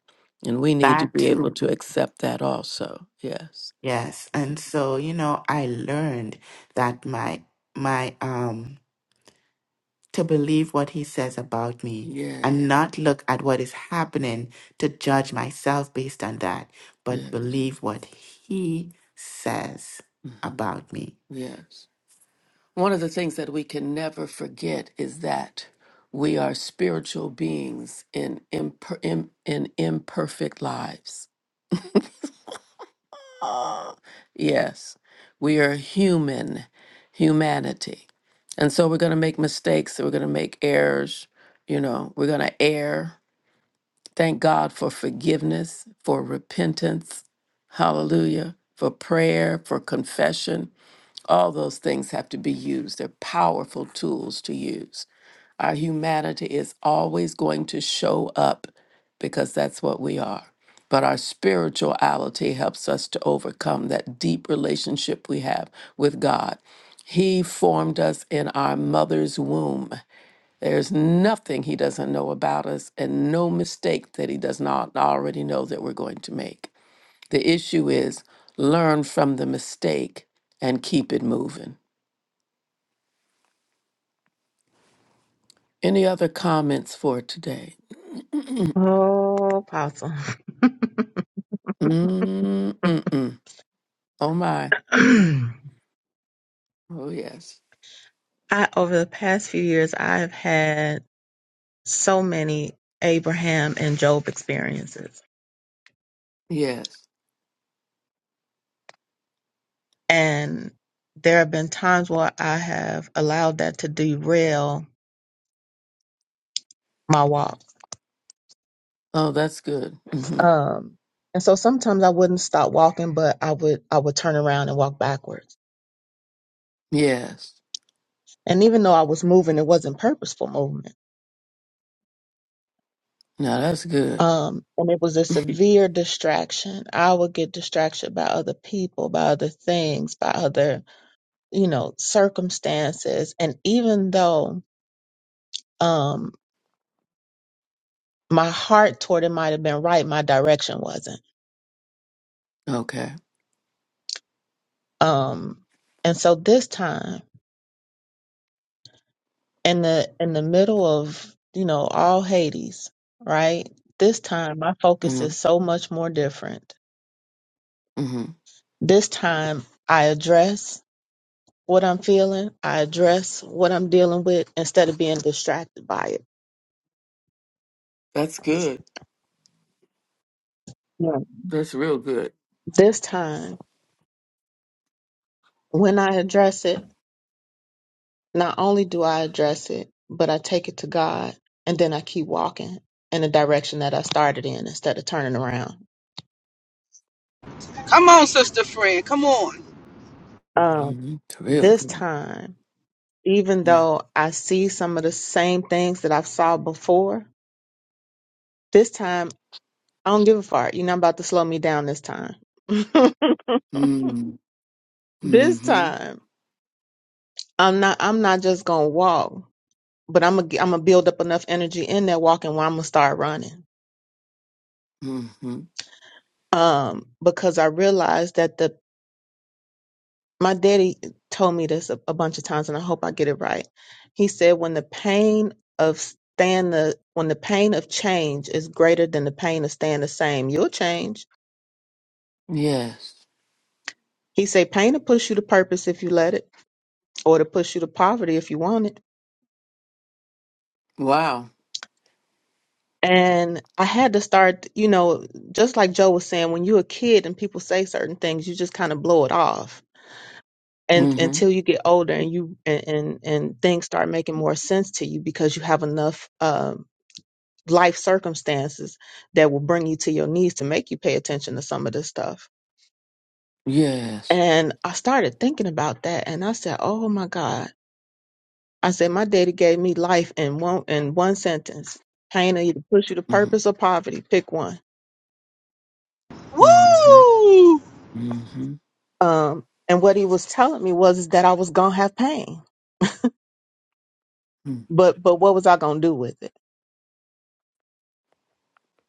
[SPEAKER 1] and we need to
[SPEAKER 5] That
[SPEAKER 1] be able
[SPEAKER 5] too.
[SPEAKER 1] to accept that also. Yes.
[SPEAKER 5] Yes. And
[SPEAKER 1] Mhm.
[SPEAKER 5] so, you know, I learned that my my um to believe what he says about me
[SPEAKER 1] Yeah.
[SPEAKER 5] and not look at what is happening to judge myself based on that, but
[SPEAKER 1] Yes.
[SPEAKER 5] believe what he says
[SPEAKER 1] hmm
[SPEAKER 5] about me.
[SPEAKER 1] Yes. One of the things that we can never forget is that we are spiritual beings in imper- im- in imperfect lives. Ah, yes, we are human, humanity, and so we're going to make mistakes. We're going to make errors. You know, we're going to err Thank God for forgiveness, for repentance. Hallelujah. For prayer, for confession. All those things have to be used. They're powerful tools to use. Our humanity is always going to show up because that's what we are. But our spirituality helps us to overcome that deep relationship we have with God. He formed us in our mother's womb. There's nothing he doesn't know about us and no mistake that he does not already know that we're going to make. The issue is learn from the mistake and keep it moving. Any other comments for today?
[SPEAKER 6] Oh, Apostle.
[SPEAKER 1] Mm-mm-mm. Oh, my. oh, yes.
[SPEAKER 6] I over the past few years I've had so many Abraham and Job experiences.
[SPEAKER 1] Yes.
[SPEAKER 6] And there have been times where I have allowed that to derail my walk.
[SPEAKER 1] Oh, that's good. hmm
[SPEAKER 6] Um and so sometimes I wouldn't stop walking, but I would I would turn around and walk backwards.
[SPEAKER 1] Yes.
[SPEAKER 6] And even though I was moving, it wasn't purposeful movement.
[SPEAKER 1] Now that's good.
[SPEAKER 6] Um, and it was a severe distraction. I would get distracted by other people, by other things, by other, you know, circumstances. And even though um my heart toward it might have been right, my direction wasn't.
[SPEAKER 1] Okay.
[SPEAKER 6] Um, and so this time in the in the middle of, you know, all Hades, right? This time my focus
[SPEAKER 1] hmm
[SPEAKER 6] is so much more different.
[SPEAKER 1] hmm
[SPEAKER 6] This time I address what I'm feeling, I address what I'm dealing with instead of being distracted by it.
[SPEAKER 1] That's good.
[SPEAKER 6] Yeah.
[SPEAKER 1] That's real good.
[SPEAKER 6] This time, when I address it, not only do I address it, but I take it to God and then I keep walking in the direction that I started in instead of turning around.
[SPEAKER 3] Come on, sister friend. Come on.
[SPEAKER 6] Um,
[SPEAKER 1] hmm Real
[SPEAKER 6] this
[SPEAKER 1] good.
[SPEAKER 6] time, even though I see some of the same things that I've saw before, this time I don't give a fart. You're not about to slow me down this time.
[SPEAKER 1] Mm-hmm.
[SPEAKER 6] this
[SPEAKER 1] Mm-hmm.
[SPEAKER 6] time, I'm not I'm not just gonna walk. but I'm gonna I'm gonna build up enough energy in that walking where I'm gonna start running.
[SPEAKER 1] Mm-hmm.
[SPEAKER 6] Um, because I realized that the my daddy told me this a, a bunch of times, and I hope I get it right. He said, when the pain of staying the when the pain of change is greater than the pain of staying the same, you'll change.
[SPEAKER 1] Yes.
[SPEAKER 6] He said, pain will push you to purpose if you let it, or to push you to poverty if you want it.
[SPEAKER 1] Wow.
[SPEAKER 6] And I had to start, you know, just like Joe was saying, when you're a kid and people say certain things, you just kind of blow it off and
[SPEAKER 1] Mm-hmm.
[SPEAKER 6] until you get older and you and and, and things start making more sense to you because you have enough um, life circumstances that will bring you to your knees to make you pay attention to some of this stuff.
[SPEAKER 1] Yes.
[SPEAKER 6] And I started thinking about that, and I said, "Oh my God!" I said, "My daddy gave me life in one in one sentence: pain will either push you to
[SPEAKER 1] Mm-hmm.
[SPEAKER 6] purpose or poverty. Pick one."
[SPEAKER 1] Mm-hmm.
[SPEAKER 3] Woo!
[SPEAKER 1] Mm-hmm.
[SPEAKER 6] Um, and what he was telling me was is that I was gonna have pain, but but what was I gonna do with it?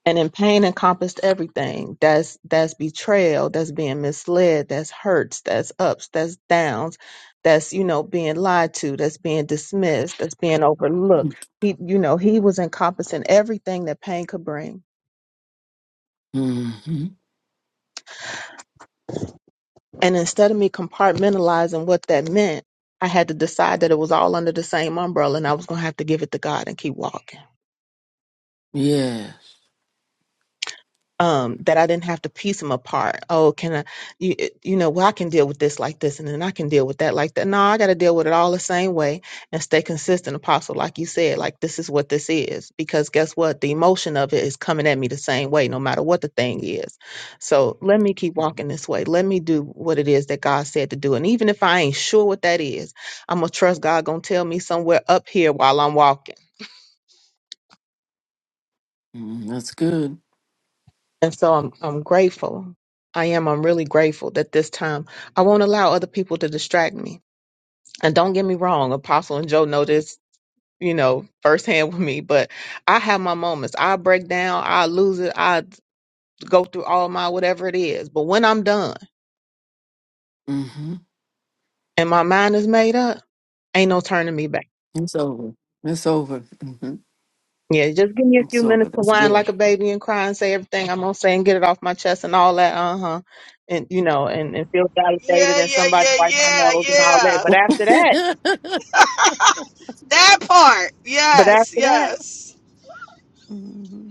[SPEAKER 6] and in pain encompassed everything that's that's betrayal that's being misled that's hurts that's ups that's downs that's you know being lied to that's being dismissed that's being overlooked he you know he was encompassing everything that pain could bring
[SPEAKER 1] Mm-hmm.
[SPEAKER 6] and instead of me compartmentalizing what that meant i had to decide that it was all under the same umbrella and i was going to have to give it to god and keep walking
[SPEAKER 1] Yes.
[SPEAKER 6] um, that I didn't have to piece them apart. Oh, can I, you, eh, you know, well, I can deal with this like this, and then I can deal with that like that. No, I got to deal with it all the same way and stay consistent, Apostle. Like you said, like this is what this is. Because guess what? The emotion of it is coming at me the same way, no matter what the thing is. So let me keep walking this way. Let me do what it is that God said to do. And even if I ain't sure what that is, I'm going to trust God going to tell me somewhere up here while I'm walking
[SPEAKER 1] Mm-hmm. That's good.
[SPEAKER 6] And so I'm I'm grateful. I am. I'm really grateful that this time I won't allow other people to distract me. And don't get me wrong, Apostle and Joe know this, you know, firsthand with me, but I have my moments. I break down, I lose it, I go through all my whatever it is. But when I'm done
[SPEAKER 1] Mm-hmm.
[SPEAKER 6] and my mind is made up, ain't no turning me back.
[SPEAKER 1] It's over. It's over. Mm-hmm.
[SPEAKER 6] Yeah, just give me a few
[SPEAKER 1] It's over.
[SPEAKER 6] minutes to
[SPEAKER 1] That's
[SPEAKER 6] whine like
[SPEAKER 1] good.
[SPEAKER 6] a baby and cry and say everything I'm gonna say and get it off my chest and all that, uh huh, and you know, and, and feel validated
[SPEAKER 3] Yeah,
[SPEAKER 6] and
[SPEAKER 3] yeah,
[SPEAKER 6] somebody
[SPEAKER 3] yeah,
[SPEAKER 6] wipe my
[SPEAKER 3] yeah,
[SPEAKER 6] nose and all that.
[SPEAKER 3] yeah.
[SPEAKER 6] But after that,
[SPEAKER 3] That part.
[SPEAKER 6] but
[SPEAKER 3] Yes,
[SPEAKER 6] after that,
[SPEAKER 3] yes.
[SPEAKER 1] mm-hmm.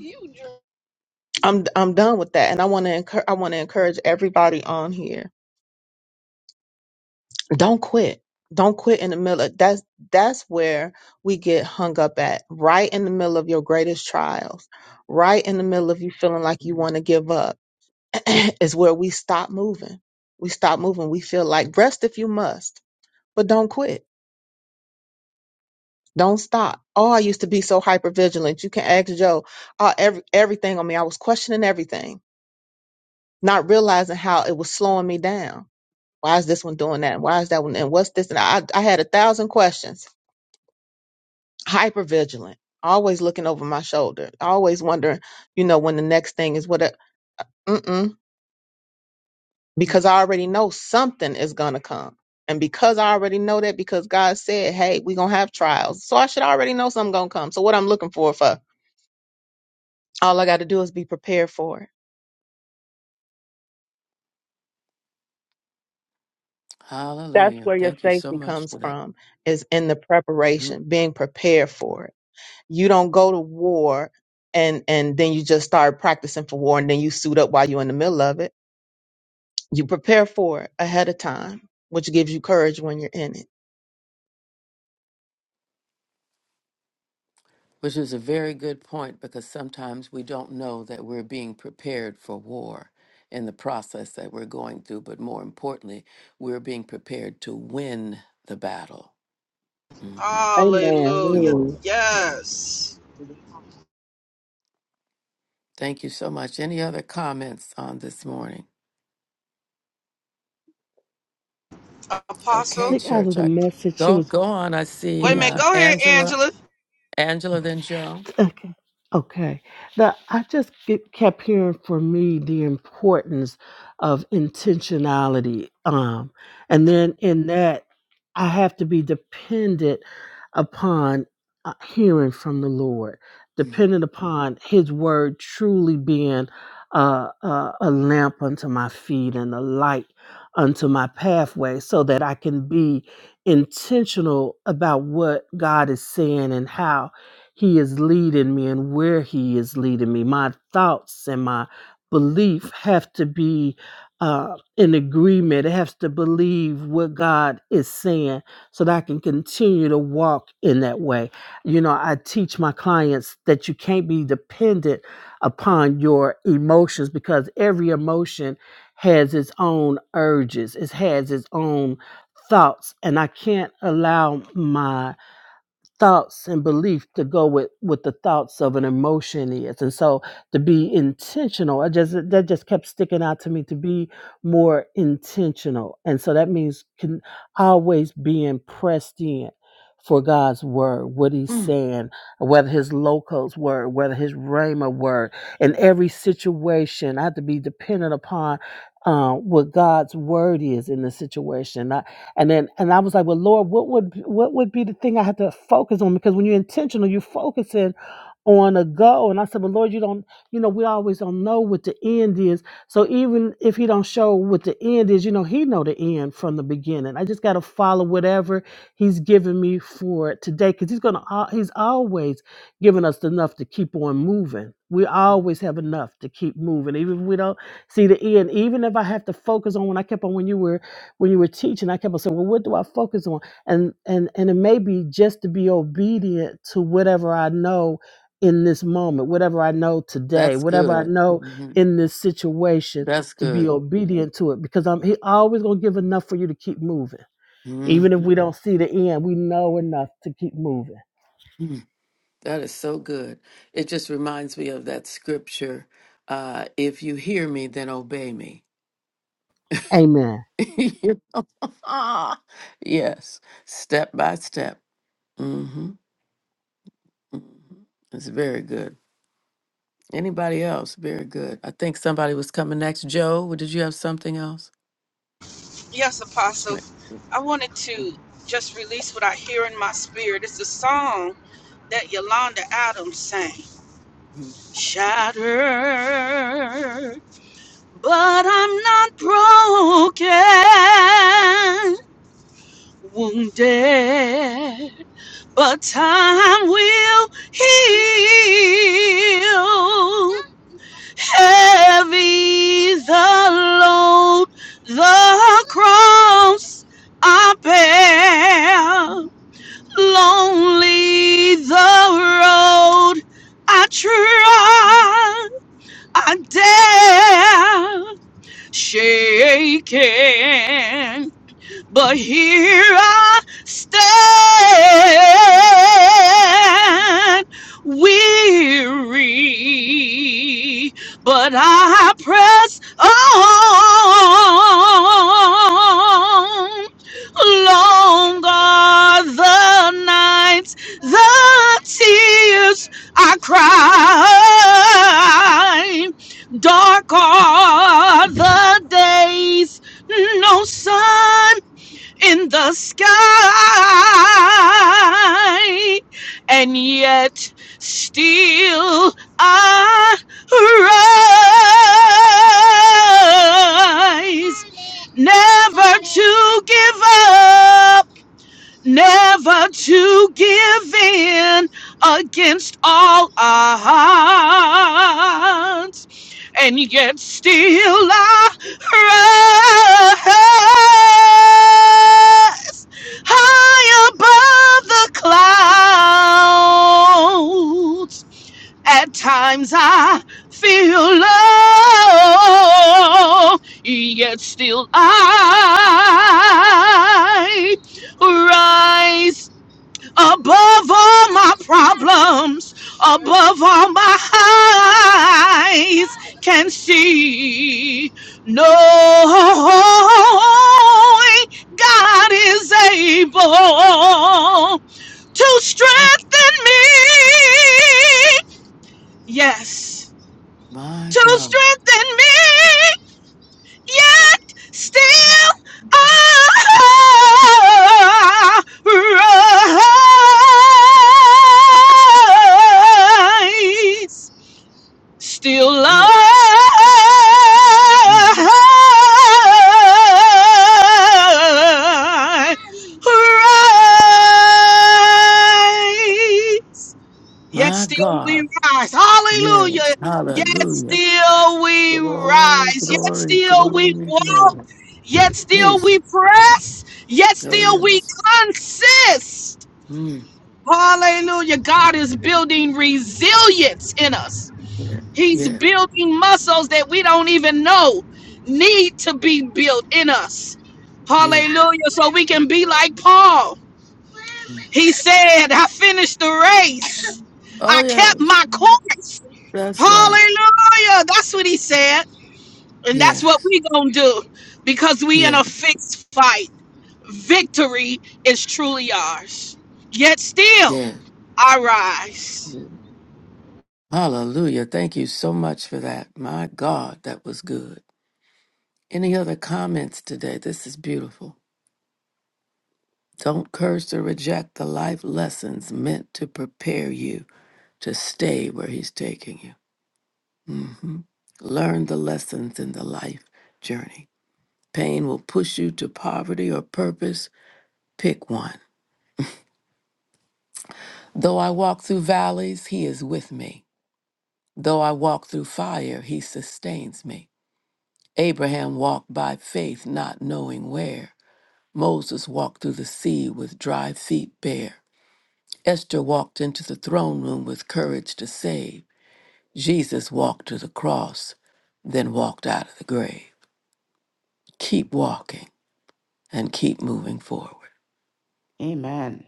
[SPEAKER 6] I'm I'm done with that, and I want to encourage I want to encourage everybody on here. Don't quit. Don't quit in the middle. Of, that's that's where we get hung up at. Right in the middle of your greatest trials. Right in the middle of you feeling like you want to give up is where we stop moving. We stop moving. We feel like rest if you must, but don't quit. Don't stop. Oh, I used to be so hypervigilant. You can ask Joe. Uh, every everything on me. I was questioning everything, not realizing how it was slowing me down. Why is this one doing that? And why is that one? And what's this? And I, I had a thousand questions. Hypervigilant, Always looking over my shoulder. Always wondering, you know, when the next thing is what.
[SPEAKER 1] Mm.
[SPEAKER 6] because I already know something is going to come. And because I already know that, because God said, hey, we're going to have trials. So I should already know something going to come. So what I'm looking for, for all I got to do is be prepared for it. That's
[SPEAKER 1] Hallelujah.
[SPEAKER 6] where your
[SPEAKER 1] Thank you so
[SPEAKER 6] safety
[SPEAKER 1] much
[SPEAKER 6] comes
[SPEAKER 1] for that.
[SPEAKER 6] from is in the
[SPEAKER 1] Mm.
[SPEAKER 6] preparation, being prepared for it. You don't go to war and, and then you just start practicing for war and then you suit up while you're in the middle of it You prepare for it ahead of time, which gives you courage when you're in it.
[SPEAKER 1] Which is a very good point because sometimes we don't know that we're being prepared for war in the process that we're going through, but more importantly, we're being prepared to win the battle. hmm And
[SPEAKER 3] Hallelujah.
[SPEAKER 6] Amen.
[SPEAKER 1] what? Mhm.
[SPEAKER 3] Yes.
[SPEAKER 1] Thank you so much. Any other comments on this morning? Okay,
[SPEAKER 3] Apostle.
[SPEAKER 2] Look out of
[SPEAKER 1] church.
[SPEAKER 2] the
[SPEAKER 1] I
[SPEAKER 2] message. She
[SPEAKER 1] go
[SPEAKER 2] was,
[SPEAKER 1] go on. I
[SPEAKER 2] go
[SPEAKER 3] Wait a
[SPEAKER 1] see
[SPEAKER 2] ahead,
[SPEAKER 3] minute.
[SPEAKER 1] uh,
[SPEAKER 3] Go ahead,
[SPEAKER 1] Angela,
[SPEAKER 3] Angela.
[SPEAKER 1] Angela, then Joe.
[SPEAKER 2] Joe. Okay. The, I just get, kept hearing for me the importance of intentionality. Um, and
[SPEAKER 1] What?
[SPEAKER 2] then in that, I have to be dependent upon uh, hearing from the Lord,
[SPEAKER 1] Mhm.
[SPEAKER 2] dependent upon His word truly being uh, uh, a lamp unto my feet and a light unto my pathway so that I can be intentional about what God is saying and how he is leading me and where He is leading me. My thoughts and my belief have to be uh, in agreement. It has to believe what God is saying so that I can continue to walk in that way. You know, I teach my clients that you can't be dependent upon your emotions because every emotion has its own urges, it has its own thoughts, and I can't allow my thoughts and belief to go with with the thoughts of an emotion is and so to be intentional i just that just kept sticking out to me to be more intentional and so that means can always being pressed in for God's word, what he's
[SPEAKER 1] Mm.
[SPEAKER 2] saying, whether his loco's word, whether his rhema word, in
[SPEAKER 1] Mm.
[SPEAKER 2] every situation, I have to be dependent upon uh, what God's word is in the situation. And then and I was like, well, Lord, what would what would be the thing I had to focus on? Because when you're intentional, you're focusing on a goal. And I said, well, Lord, you don't, you know, we always don't know what the end is. So even if he don't show what the end is, you know, he know the end from the beginning. I just got to follow whatever he's giving me for today. Cause he's going to, he's always giving us enough to keep on moving. We always have enough to keep moving. Even if we don't see the end, even if I have to focus on when I kept on when you were when you were teaching, I kept on saying, "Well, what do I focus on?" And and and it may be just to be obedient to whatever I know in this moment, whatever I know today,
[SPEAKER 1] That's
[SPEAKER 2] whatever I
[SPEAKER 1] good.
[SPEAKER 2] know
[SPEAKER 1] hmm
[SPEAKER 2] in this situation,
[SPEAKER 1] That's
[SPEAKER 2] to be
[SPEAKER 1] good.
[SPEAKER 2] obedient to it because I'm he always gonna give enough for you to keep moving, even if
[SPEAKER 1] Mhm.
[SPEAKER 2] we don't see the end. We know enough to keep moving.
[SPEAKER 1] Mm. That is so good. It just reminds me of that scripture uh, if you hear me, then obey me.
[SPEAKER 2] Amen.
[SPEAKER 1] yes, step by step. Mm-hmm. hmm It's very good. Anybody else? Very good. I think somebody was coming next. Joe, did you have something else?
[SPEAKER 3] Yes, Apostle.
[SPEAKER 1] Schmidt.
[SPEAKER 3] I wanted to
[SPEAKER 1] Mhm.
[SPEAKER 3] just release what I hear in my spirit. It's a song that Yolanda Adams sang.
[SPEAKER 1] mhm.
[SPEAKER 3] Shattered, but I'm not broken. Wounded but time will heal. Heavy the load, the cross I bear. Lonely the road I try, I dare. shaking but here I stand weary, but I press on. Long are the nights, the tears I cry. Dark are the days, no sun in the sky, and yet still I rise. Never to give up, never to give in against all odds and yet still I rise high above the clouds. At times I feel low, yet still I rise above all my problems, above all my eyes can see. Knowing God is able to strengthen me. Yes,
[SPEAKER 1] My
[SPEAKER 3] to
[SPEAKER 1] God.
[SPEAKER 3] strengthen me yet still arise. Still
[SPEAKER 1] Yes. Mm.
[SPEAKER 3] I rise. Yet
[SPEAKER 1] My
[SPEAKER 3] still we
[SPEAKER 1] God.
[SPEAKER 3] rise. Hallelujah.
[SPEAKER 1] Yes.
[SPEAKER 3] Yet
[SPEAKER 1] Hallelujah.
[SPEAKER 3] still we
[SPEAKER 1] Glory,
[SPEAKER 3] rise. Yet
[SPEAKER 1] glory,
[SPEAKER 3] still we
[SPEAKER 1] glory,
[SPEAKER 3] walk.
[SPEAKER 1] glory.
[SPEAKER 3] Yet still
[SPEAKER 1] Yes.
[SPEAKER 3] we press. Yet
[SPEAKER 1] Oh,
[SPEAKER 3] still we
[SPEAKER 1] yes.
[SPEAKER 3] consist.
[SPEAKER 1] Mm.
[SPEAKER 3] Hallelujah. God is building resilience in us.
[SPEAKER 1] Yes.
[SPEAKER 3] He's
[SPEAKER 1] Yeah.
[SPEAKER 3] building muscles that we don't even know need to be built in us.
[SPEAKER 1] Yeah.
[SPEAKER 3] Hallelujah. So we can be like Paul.
[SPEAKER 1] Mm.
[SPEAKER 3] He said, I finished the race.
[SPEAKER 1] Oh,
[SPEAKER 3] I kept
[SPEAKER 1] yes.
[SPEAKER 3] my course.
[SPEAKER 1] That's right.
[SPEAKER 3] Hallelujah. That's what he said. And that's what
[SPEAKER 1] Yes.
[SPEAKER 3] we going to do because we
[SPEAKER 1] Yeah.
[SPEAKER 3] in a fixed fight. Victory is truly ours. Yet still,
[SPEAKER 1] Yeah.
[SPEAKER 3] I rise.
[SPEAKER 1] Hallelujah. Thank you so much for that. My God, that was good. Any other comments today? This is beautiful. Don't curse or reject the life lessons meant to prepare you to stay where He's taking you. Learn the lessons in the life journey. Pain will push you to poverty or purpose. Pick one. Though I walk through valleys, He is with me. Though I walk through fire, He sustains me. Abraham walked by faith, not knowing where. Moses walked through the sea with dry feet. Esther walked into the throne room with courage to save. Jesus walked to the cross, then walked out of the grave. Keep moving forward.
[SPEAKER 5] Amen.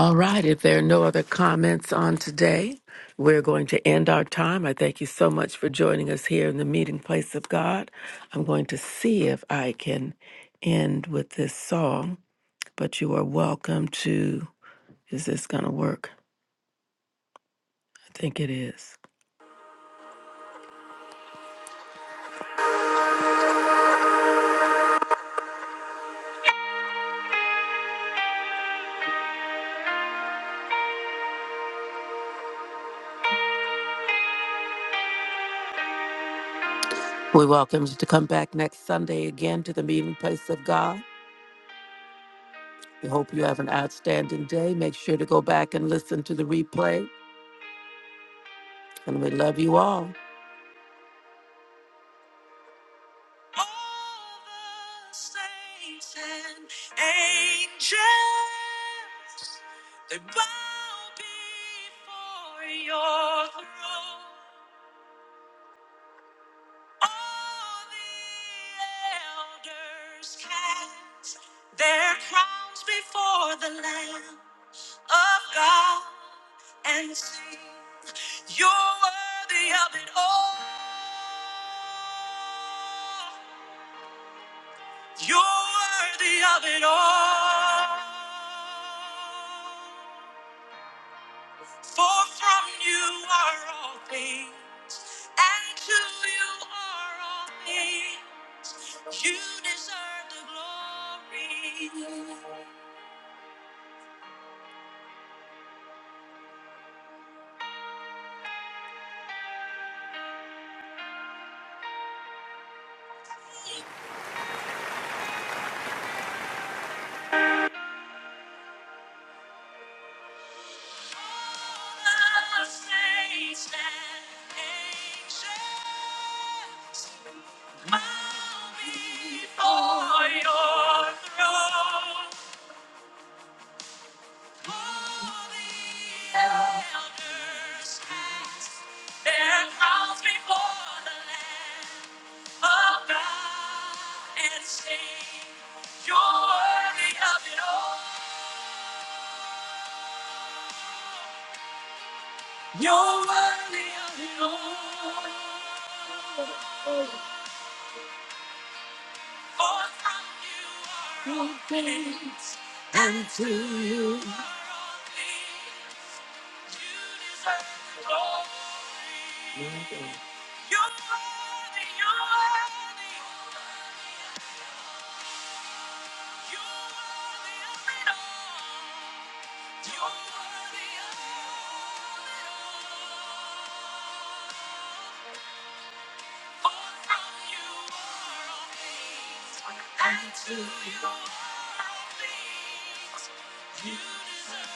[SPEAKER 1] All right, if there are no other comments on today, we're going to end our time. I thank you so much for joining us here in the meeting place of God. I'm going to see if I can end with this song, but you are welcome to. Is this going to work? I think it is. We welcome you to come back next Sunday again to the meeting place of God. We hope you have an outstanding day. Make sure to go back and listen to the replay. And we love you all. You're worthy, you're worthy, you're worthy of it all. You're worthy of it all. For from you are all things, and to you are all things. You deserve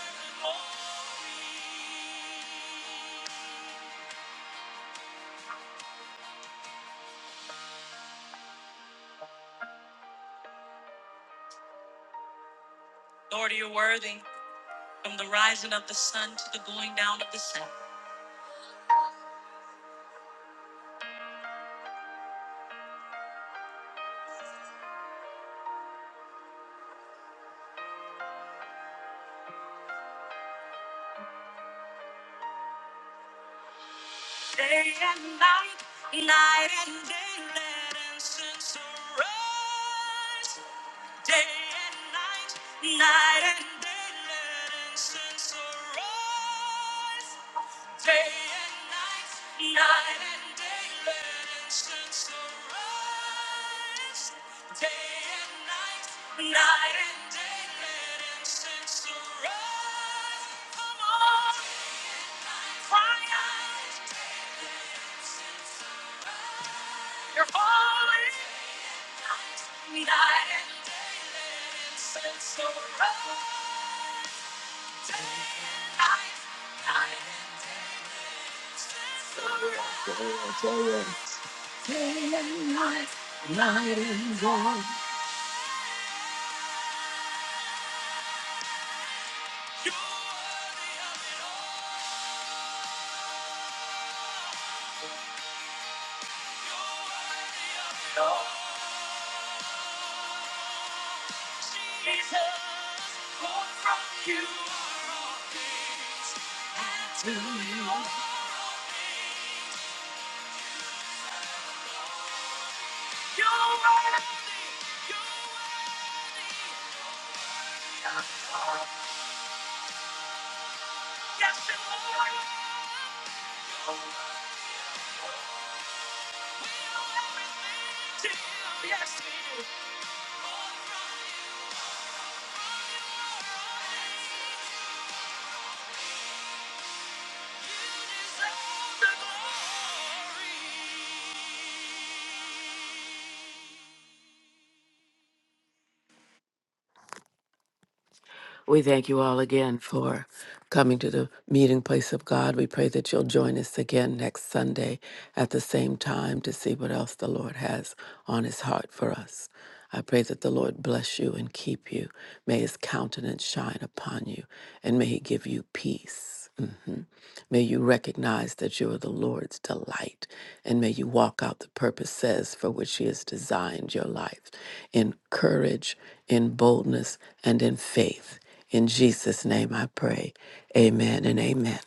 [SPEAKER 1] We thank you all again for coming to the meeting place of God. We pray that you'll join us again next Sunday at the same time to see what else the Lord has on his heart for us. I pray that the Lord bless you and keep you. May his countenance shine upon you and may he give you peace. Mhm. May you recognize that you are the Lord's delight and may you walk out the purposes for which he has designed your life in courage, in boldness, and in faith. In Jesus' name I pray. Amen and amen.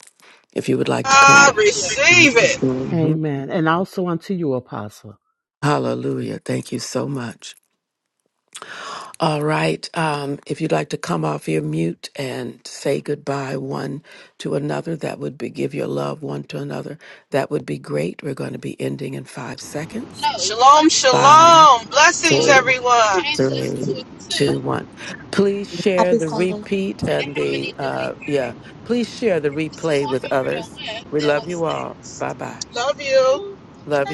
[SPEAKER 1] If you would like to come.
[SPEAKER 3] I receive it.
[SPEAKER 1] Mhm.
[SPEAKER 2] Amen. And also unto you, Apostle.
[SPEAKER 1] Hallelujah. Thank you so much. All right. Um, if you'd like to come off your mute and say goodbye one to another, that would be give your love one to another. That would be great. We're going to be ending in five seconds.
[SPEAKER 3] Shalom,
[SPEAKER 1] Five.
[SPEAKER 3] shalom. Blessings,
[SPEAKER 1] four,
[SPEAKER 3] everyone.
[SPEAKER 1] three, two, one. Please share the repeat and the uh yeah. Please share the replay with others. We love you all. Bye bye.
[SPEAKER 3] Love you.
[SPEAKER 1] Love you.